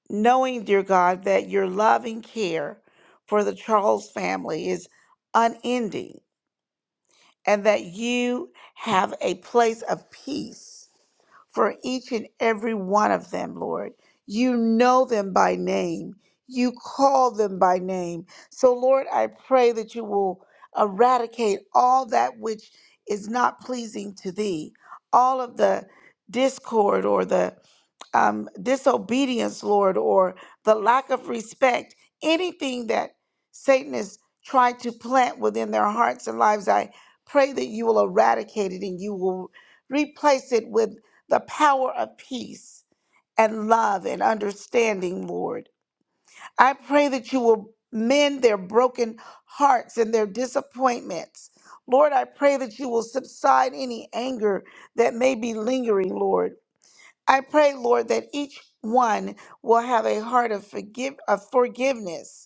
knowing, dear God, that your love and care for the Charles family is unending and that you have a place of peace for each and every one of them, Lord. You know them by name. You call them by name. So, Lord, I pray that you will eradicate all that which is not pleasing to thee, all of the discord or the um, disobedience, Lord, or the lack of respect, anything that Satan has tried to plant within their hearts and lives, I pray that you will eradicate it and you will replace it with the power of peace and love and understanding, Lord. I pray that you will mend their broken hearts and their disappointments. Lord, I pray that you will subside any anger that may be lingering, Lord. I pray, Lord, that each one will have a heart of forgive of forgiveness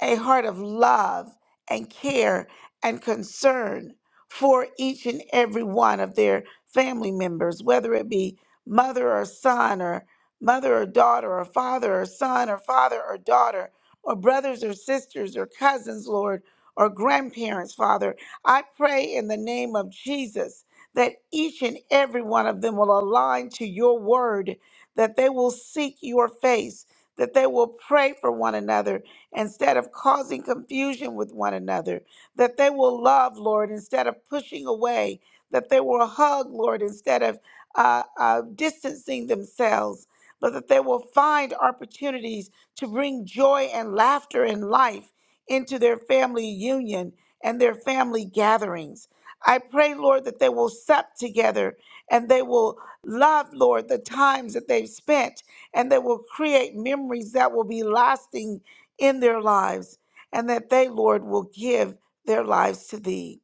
a heart of love and care and concern for each and every one of their family members, whether it be mother or son, or mother or daughter, or father or son, or father or daughter, or brothers or sisters, or cousins, Lord, or grandparents, Father. I pray in the name of Jesus that each and every one of them will align to your word, that they will seek your face, that they will pray for one another instead of causing confusion with one another, that they will love, Lord, instead of pushing away, that they will hug, Lord, instead of uh, uh, distancing themselves, but that they will find opportunities to bring joy and laughter and life into their family union and their family gatherings. I pray, Lord, that they will sup together and they will love, Lord, the times that they've spent and they will create memories that will be lasting in their lives, and that they, Lord, will give their lives to thee.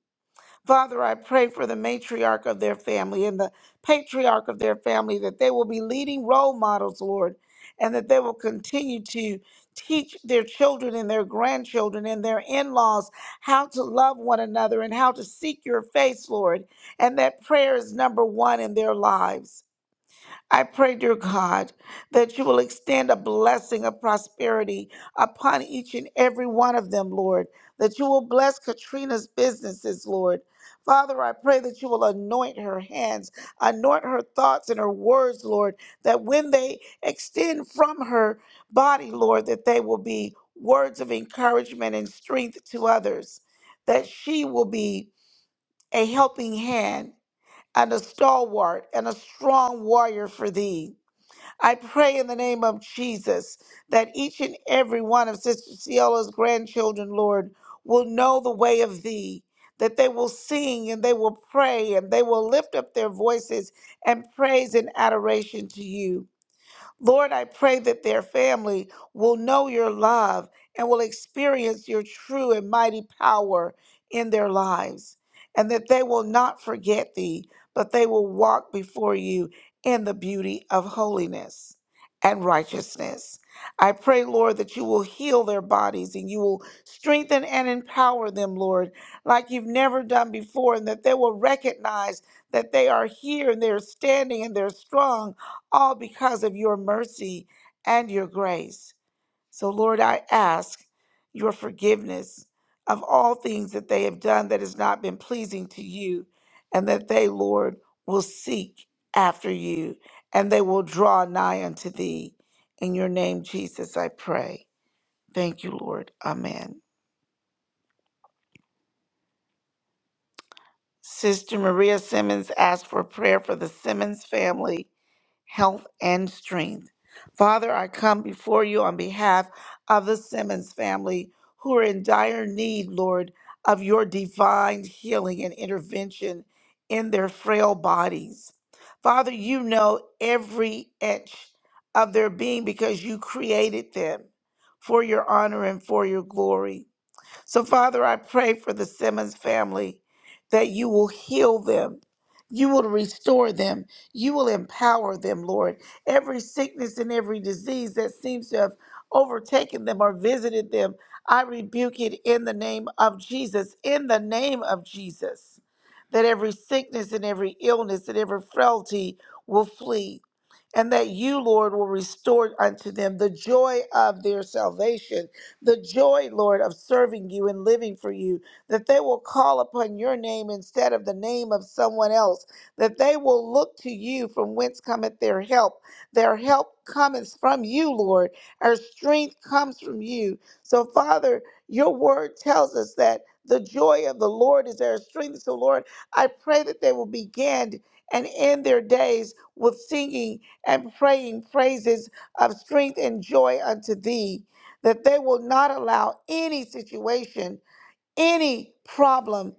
Father, I pray for the matriarch of their family and the patriarch of their family that they will be leading role models, Lord, and that they will continue to teach their children and their grandchildren and their in laws how to love one another and how to seek your face, Lord, and that prayer is number one in their lives. I pray, dear God, that you will extend a blessing of prosperity upon each and every one of them, Lord, that you will bless Katrina's businesses, Lord. Father, I pray that you will anoint her hands, anoint her thoughts and her words, Lord, that when they extend from her body, Lord, that they will be words of encouragement and strength to others, that she will be a helping hand and a stalwart and a strong warrior for thee. I pray in the name of Jesus that each and every one of Sister Ciola's grandchildren, Lord, will know the way of thee, that they will sing and they will pray and they will lift up their voices and praise and adoration to you. Lord, I pray that their family will know your love and will experience your true and mighty power in their lives, and that they will not forget thee, but they will walk before you in the beauty of holiness and righteousness. I pray, Lord, that you will heal their bodies and you will strengthen and empower them, Lord, like you've never done before, and that they will recognize that they are here and they're standing and they're strong all because of your mercy and your grace. So, Lord, I ask your forgiveness of all things that they have done that has not been pleasing to you, and that they, Lord, will seek after you and they will draw nigh unto thee. In your name, Jesus, I pray. Thank you, Lord. Amen. Sister Maria Simmons asked for prayer for the Simmons family health, and strength. Father, I come before you on behalf of the Simmons family who are in dire need, Lord, of your divine healing and intervention in their frail bodies. Father, you know every inch of their being because you created them for your honor and for your glory. So, Father, I pray for the Simmons family that you will heal them. You will restore them. You will empower them, Lord. Every sickness and every disease that seems to have overtaken them or visited them, I rebuke it in the name of Jesus. In the name of Jesus. That every sickness and every illness and every frailty will flee. And that you, Lord, will restore unto them the joy of their salvation the joy, Lord, of serving you and living for you, that they will call upon your name instead of the name of someone else, that they will look to you from whence cometh their help. Their help cometh from you, Lord. Our strength comes from you. So, Father, your word tells us that the joy of the Lord is our strength. So, Lord, I pray that they will begin and end their days with singing and praying praises of strength and joy unto thee that they will not allow any situation any problem,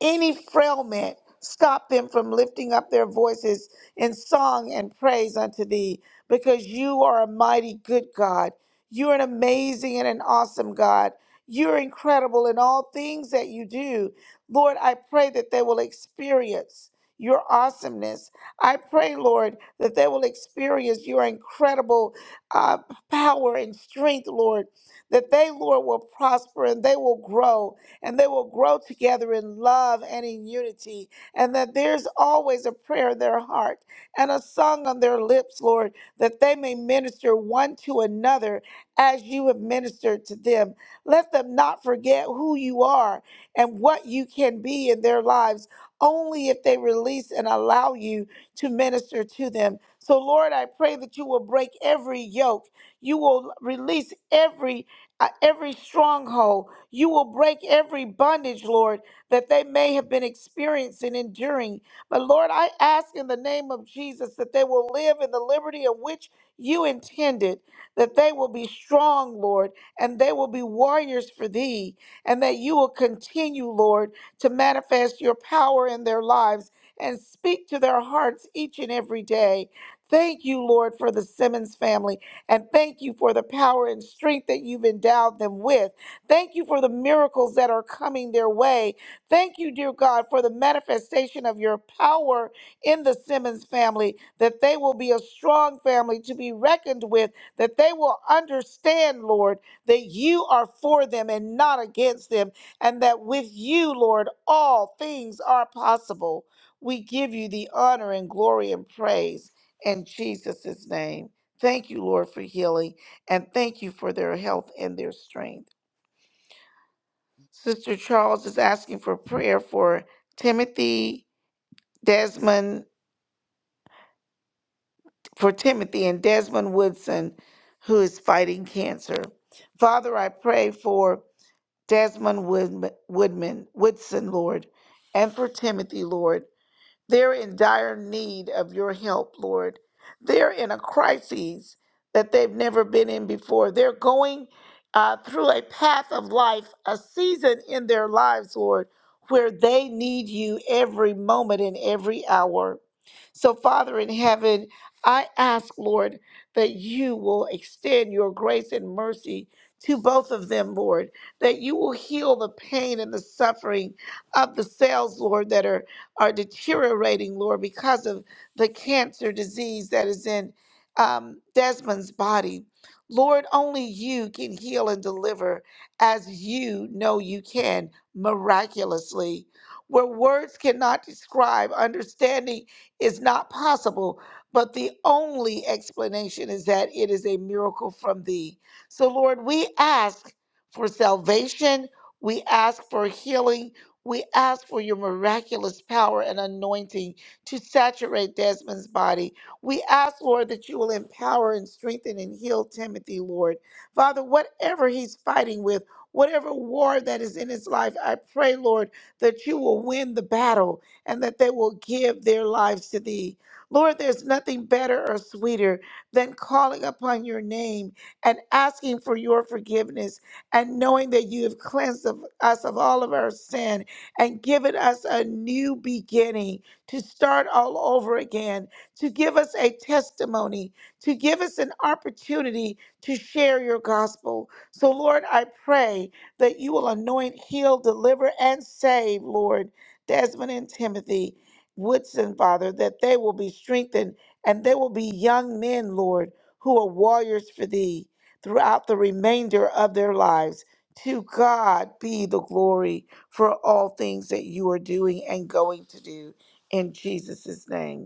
any frailment, stop them from lifting up their voices in song and praise unto thee, because you are a mighty good God. You're an amazing and an awesome God. You're incredible in all things that you do. Lord, I pray that they will experience your awesomeness. I pray, Lord, that they will experience your incredible uh, power and strength, Lord, that they, Lord, will prosper and they will grow and they will grow together in love and in unity, and that there's always a prayer in their heart and a song on their lips, Lord, that they may minister one to another as you have ministered to them. Let them not forget who you are and what you can be in their lives. Only if they release and allow you to minister to them. So, Lord, I pray that you will break every yoke. You will release every uh, every stronghold you will break every bondage, Lord, that they may have been experiencing, enduring. But Lord, I ask in the name of Jesus that they will live in the liberty of which you intended, that they will be strong, Lord, and they will be warriors for thee, and that you will continue, Lord, to manifest your power in their lives and speak to their hearts each and every day. Thank you, Lord, for the Simmons family, and thank you for the power and strength that you've endowed them with. Thank you for the miracles that are coming their way. Thank you, dear God, for the manifestation of your power in the Simmons family, that they will be a strong family to be reckoned with, that they will understand, Lord, that you are for them and not against them, and that with you, Lord, all things are possible. We give you the honor and glory and praise in Jesus' name. Thank you, Lord, for healing, and thank you for their health and their strength. Sister Charles is asking for prayer for Timothy Desmond, for Timothy and Desmond Woodson, who is fighting cancer. Father, I pray for Desmond Woodman, Woodman Woodson, Lord, and for Timothy, Lord. They're in dire need of your help, Lord. They're in a crisis that they've never been in before. They're going uh, through a path of life, a season in their lives, Lord, where they need you every moment and every hour. So, Father in heaven, I ask, Lord, that you will extend your grace and mercy to both of them, Lord, that you will heal the pain and the suffering of the cells, Lord, that are are deteriorating, Lord, because of the cancer disease that is in um, Desmond's body. Lord, only you can heal and deliver as you know you can miraculously. Where words cannot describe, understanding is not possible, but the only explanation is that it is a miracle from thee. So, Lord, we ask for salvation, we ask for healing, we ask for your miraculous power and anointing to saturate Desmond's body. We ask, Lord, that you will empower and strengthen and heal Timothy, Lord. Father, whatever he's fighting with, whatever war that is in his life, I pray, Lord, that you will win the battle and that they will give their lives to thee. Lord, there's nothing better or sweeter than calling upon your name and asking for your forgiveness and knowing that you have cleansed of us of all of our sin and given us a new beginning to start all over again, to give us a testimony, to give us an opportunity to share your gospel. So, Lord, I pray that you will anoint, heal, deliver, and save, Lord, Desmond and Timothy Woodson, Father, that they will be strengthened and they will be young men, Lord, who are warriors for thee throughout the remainder of their lives. To God be the glory for all things that you are doing and going to do in Jesus' name.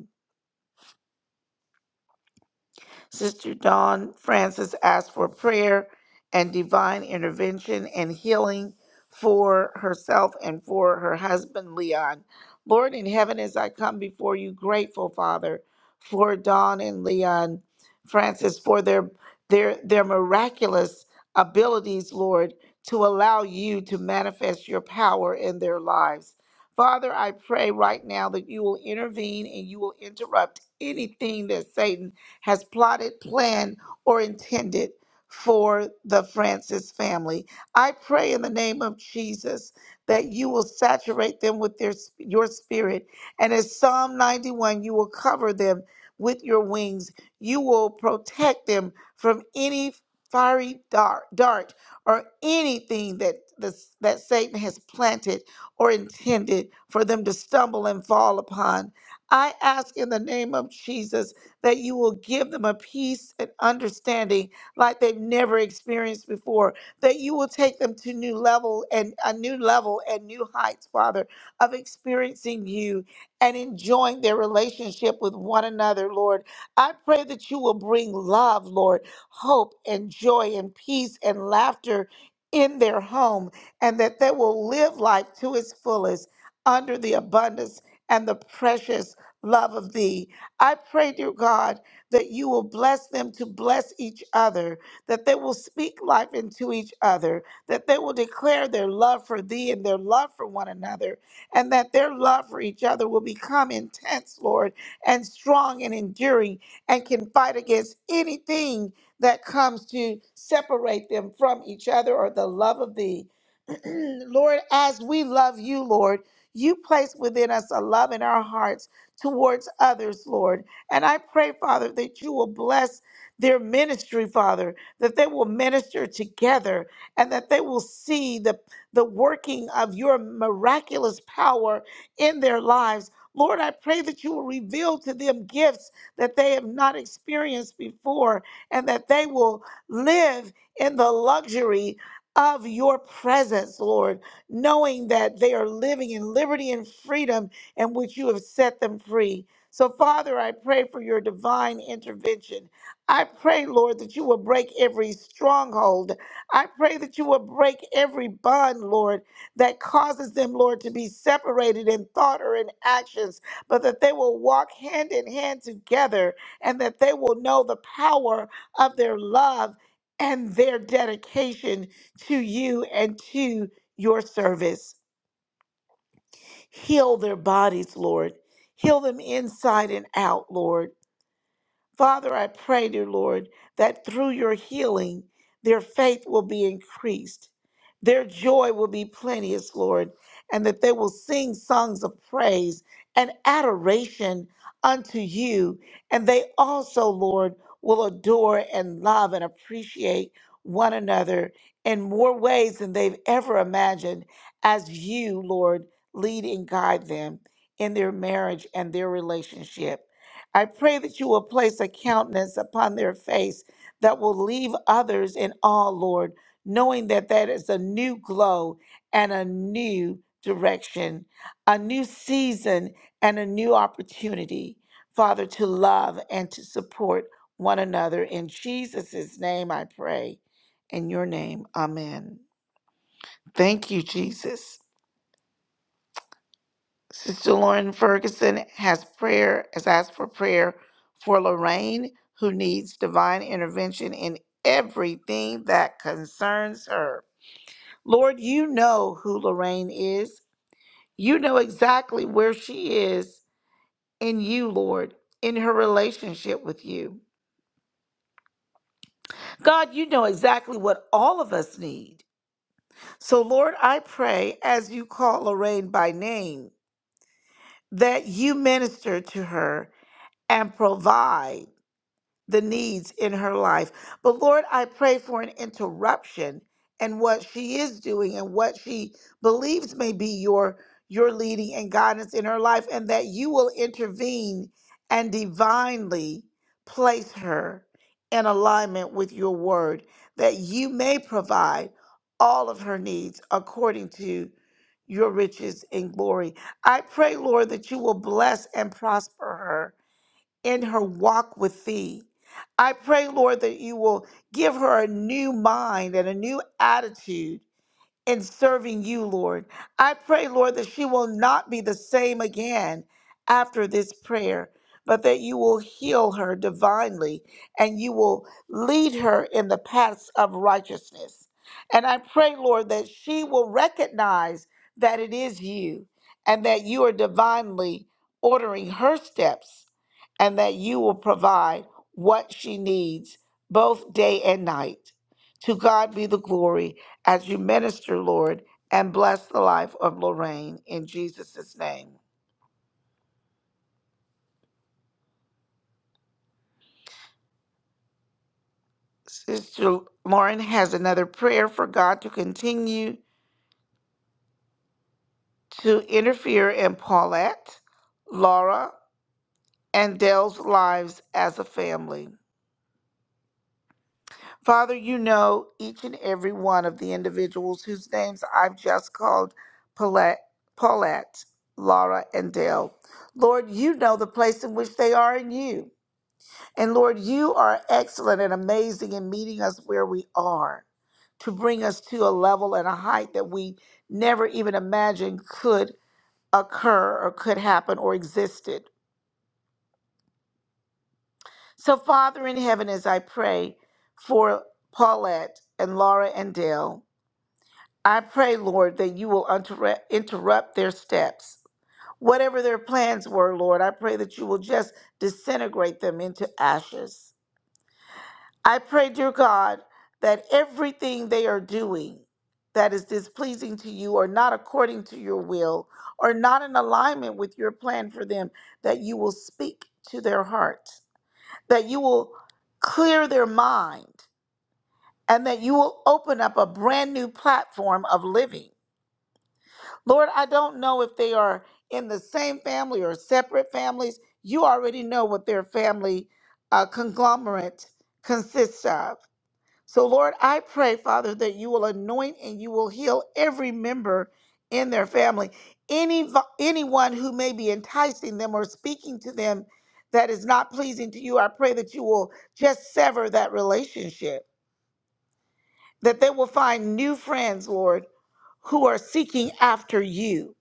Sister Dawn Francis asked for prayer and divine intervention and healing for herself and for her husband, Leon. Lord in heaven, as I come before you, grateful, Father, for Dawn and Leon Francis, for their their their miraculous abilities, Lord, to allow you to manifest your power in their lives. Father, I pray right now that you will intervene and you will interrupt anything that Satan has plotted, planned, or intended for the Francis family. I pray in the name of Jesus that you will saturate them with their your spirit and as Psalm 91 you will cover them with your wings. You will protect them from any fiery dart, dart or anything that the, that Satan has planted or intended for them to stumble and fall upon. I ask in the name of Jesus that you will give them a peace and understanding like they've never experienced before, that you will take them to new level and a new level and new heights, Father, of experiencing you and enjoying their relationship with one another, Lord. I pray that you will bring love, Lord, hope and joy and peace and laughter in their home, and that they will live life to its fullest under the abundance and the precious love of thee. I pray, dear God, that you will bless them to bless each other, that they will speak life into each other, that they will declare their love for thee and their love for one another, and that their love for each other will become intense, Lord, and strong and enduring, and can fight against anything that comes to separate them from each other or the love of thee. Lord, as we love you, Lord, you place within us a love in our hearts towards others, Lord. And I pray, Father, that you will bless their ministry, Father, that they will minister together and that they will see the, the working of your miraculous power in their lives. Lord, I pray that you will reveal to them gifts that they have not experienced before and that they will live in the luxury of your presence, Lord, knowing that they are living in liberty and freedom and which you have set them free. So, Father, I pray for your divine intervention. I pray, Lord, that you will break every stronghold. I pray that you will break every bond, Lord, that causes them, Lord, to be separated in thought or in actions, but that they will walk hand in hand together and that they will know the power of their love and their dedication to you and to your service. Heal their bodies, Lord. Heal them inside and out, Lord. Father, I pray, dear Lord, that through your healing, their faith will be increased. Their joy will be plenteous, Lord, and that they will sing songs of praise and adoration unto you. And they also, Lord, will adore and love and appreciate one another in more ways than they've ever imagined as you, Lord, lead and guide them in their marriage and their relationship. I pray that you will place a countenance upon their face that will leave others in awe, Lord, knowing that that is a new glow and a new direction, a new season and a new opportunity, Father, to love and to support one another. In Jesus' name I pray. In your name, amen. Thank you, Jesus. Sister Lauren Ferguson has prayer has asked for prayer for Lorraine, who needs divine intervention in everything that concerns her. Lord, you know who Lorraine is. You know exactly where she is in you, Lord, in her relationship with you. God, you know exactly what all of us need. So, Lord, I pray as you call Lorraine by name that you minister to her and provide. the needs in her life. But Lord, I pray for an interruption and what she is doing and what she believes may be your your leading and guidance in her life and that you will intervene and divinely place her in alignment with your word that you may provide all of her needs according to your riches and glory. I pray, Lord, that you will bless and prosper her in her walk with thee. I pray, Lord, that you will give her a new mind and a new attitude in serving you, Lord. I pray, Lord, that she will not be the same again after this prayer, but that you will heal her divinely and you will lead her in the paths of righteousness. And I pray, Lord, that she will recognize that it is you and that you are divinely ordering her steps and that you will provide what she needs both day and night. To God be the glory as you minister, Lord, and bless the life of Lorraine in Jesus' name. Sister Lauren has another prayer for God to continue to interfere in Paulette, Laura, and Dell's lives as a family. Father, you know each and every one of the individuals whose names I've just called Paulette, Paulette Laura, and Dell. Lord, you know the place in which they are in you. And Lord, you are excellent and amazing in meeting us where we are to bring us to a level and a height that we never even imagined could occur or could happen or existed. So, Father in heaven, as I pray for Paulette and Laura and Dale, I pray, Lord, that you will interrupt interrupt their steps. Whatever their plans were, Lord, I pray that you will just disintegrate them into ashes. I pray, dear God, that everything they are doing that is displeasing to you or not according to your will or not in alignment with your plan for them, that you will speak to their hearts, that you will clear their mind, and that you will open up a brand new platform of living. Lord, I don't know if they are in the same family or separate families. You already know what their family uh, conglomerate consists of so, Lord, I pray, Father, that you will anoint and you will heal every member in their family. Any anyone who may be enticing them or speaking to them that is not pleasing to you, I pray that you will just sever that relationship. That they will find new friends, Lord, who are seeking after you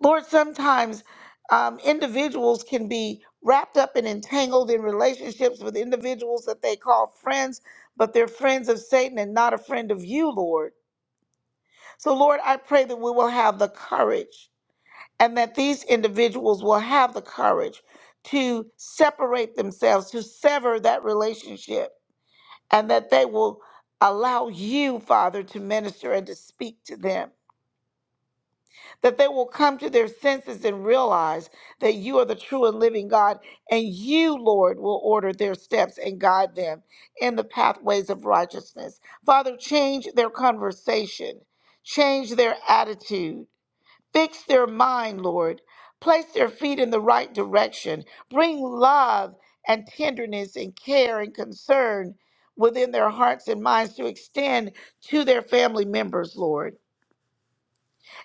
Lord, sometimes um, individuals can be wrapped up and entangled in relationships with individuals that they call friends, but they're friends of Satan and not a friend of you, Lord. So, Lord, I pray that we will have the courage and that these individuals will have the courage to separate themselves, to sever that relationship, and that they will allow you, Father, to minister and to speak to them. that they will come to their senses and realize that you are the true and living God, and you, Lord, will order their steps and guide them in the pathways of righteousness. Father, change their conversation, change their attitude, fix their mind, Lord. Place their feet in the right direction. Bring love and tenderness and care and concern within their hearts and minds to extend to their family members, Lord.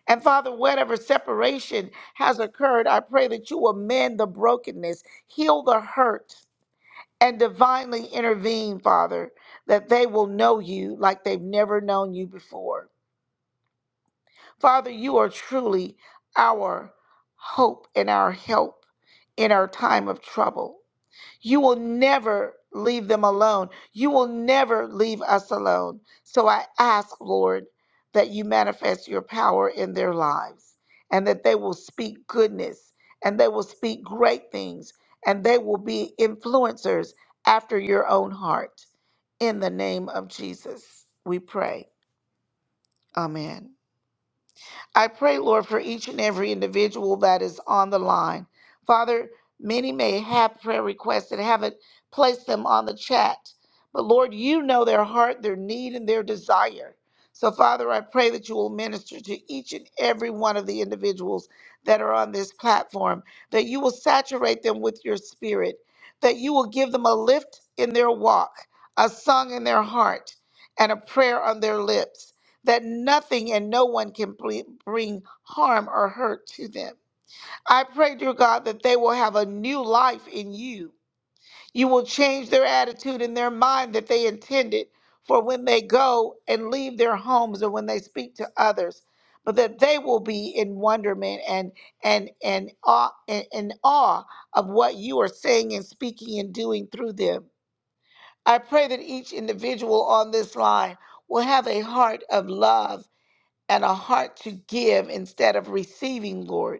And Father, whatever separation has occurred, I pray that you will mend the brokenness, heal the hurt, and divinely intervene, Father, that they will know you like they've never known you before. Father, you are truly our hope and our help in our time of trouble. You will never leave them alone. You will never leave us alone. So I ask, Lord, that you manifest your power in their lives and that they will speak goodness and they will speak great things and they will be influencers after your own heart. In the name of Jesus, we pray. Amen. I pray, Lord, for each and every individual that is on the line. Father, many may have prayer requests and haven't placed them on the chat, but Lord, you know their heart, their need, and their desire. So, Father, I pray that you will minister to each and every one of the individuals that are on this platform, that you will saturate them with your spirit, that you will give them a lift in their walk, a song in their heart, and a prayer on their lips that nothing and no one can ble- bring harm or hurt to them. I pray, dear God, that they will have a new life in you. You will change their attitude and their mind that they intended for when they go and leave their homes or when they speak to others, but that they will be in wonderment and and and awe and, and awe of what you are saying and speaking and doing through them. I pray that each individual on this line will have a heart of love and a heart to give instead of receiving, Lord.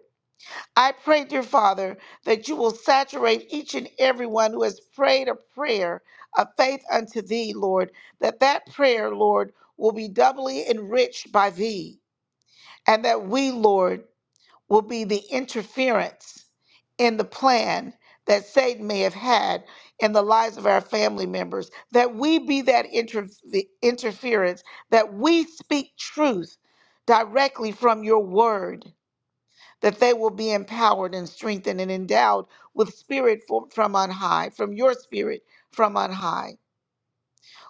I pray, dear Father, that you will saturate each and everyone who has prayed a prayer of faith unto thee, Lord, that that prayer, Lord, will be doubly enriched by thee. And that we, Lord, will be the interference in the plan that Satan may have had in the lives of our family members, that we be that inter- the interference, that we speak truth directly from your word, that they will be empowered and strengthened and endowed with spirit for, from on high, from your spirit from on high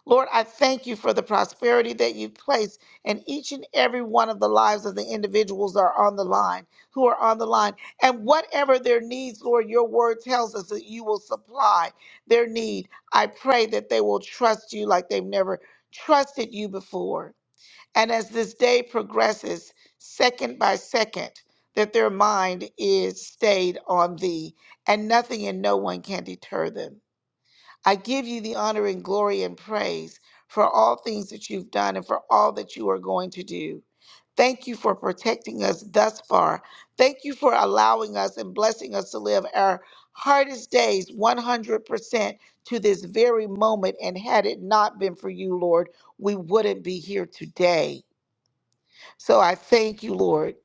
Lord, I thank you for the prosperity that you place in each and every one of the lives of the individuals that are on the line, who are on the line. And whatever their needs, Lord, your word tells us that you will supply their need. I pray that they will trust you like they've never trusted you before. And as this day progresses, second by second, that their mind is stayed on thee, and nothing and no one can deter them. I give you the honor and glory and praise for all things that you've done and for all that you are going to do. Thank you for protecting us thus far. Thank you for allowing us and blessing us to live our hardest days 100% to this very moment. And had it not been for you, Lord, we wouldn't be here today. So I thank you, Lord,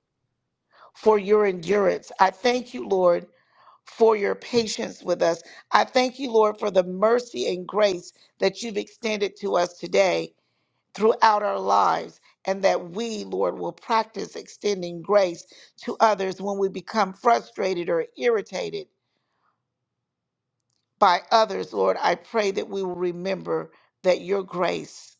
for your endurance. I thank you, Lord for your patience with us. I thank you, Lord, for the mercy and grace that you've extended to us today throughout our lives, and that we, Lord, will practice extending grace to others when we become frustrated or irritated by others. Lord, I pray that we will remember that your grace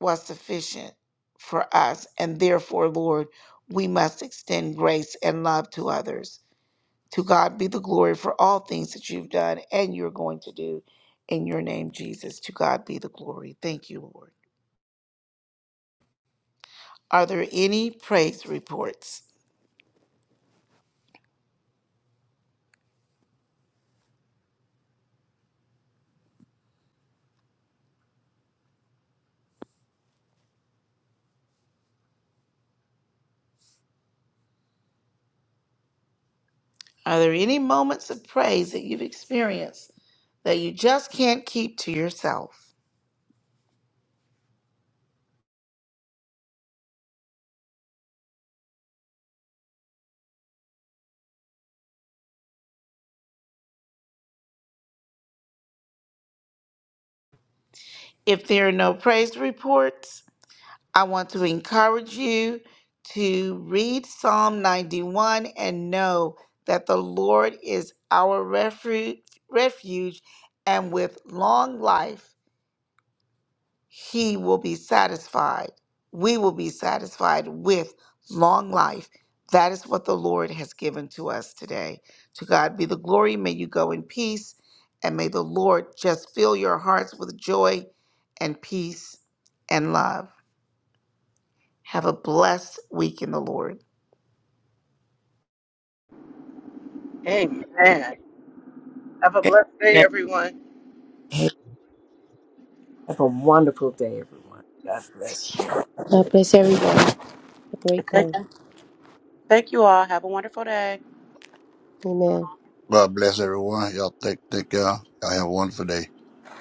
was sufficient for us, and therefore, Lord, we must extend grace and love to others. To God be the glory for all things that you've done and you're going to do in your name, Jesus. To God be the glory. Thank you, Lord. Are there any praise reports? Are there any moments of praise that you've experienced that you just can't keep to yourself? If there are no praise reports, I want to encourage you to read Psalm 91 and know that the Lord is our refuge, refuge and with long life he will be satisfied. We will be satisfied with long life. That is what the Lord has given to us today. To God be the glory. May you go in peace, and may the Lord just fill your hearts with joy and peace and love. Have a blessed week in the Lord.
Amen. Have a blessed day,
Amen.
everyone.
Have a wonderful day, everyone. God bless.
God bless everyone. Have a great
Thank
day.
thank you all. Have a wonderful day.
Amen.
God bless everyone. Y'all take take care. Y'all have a wonderful day.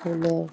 Amen.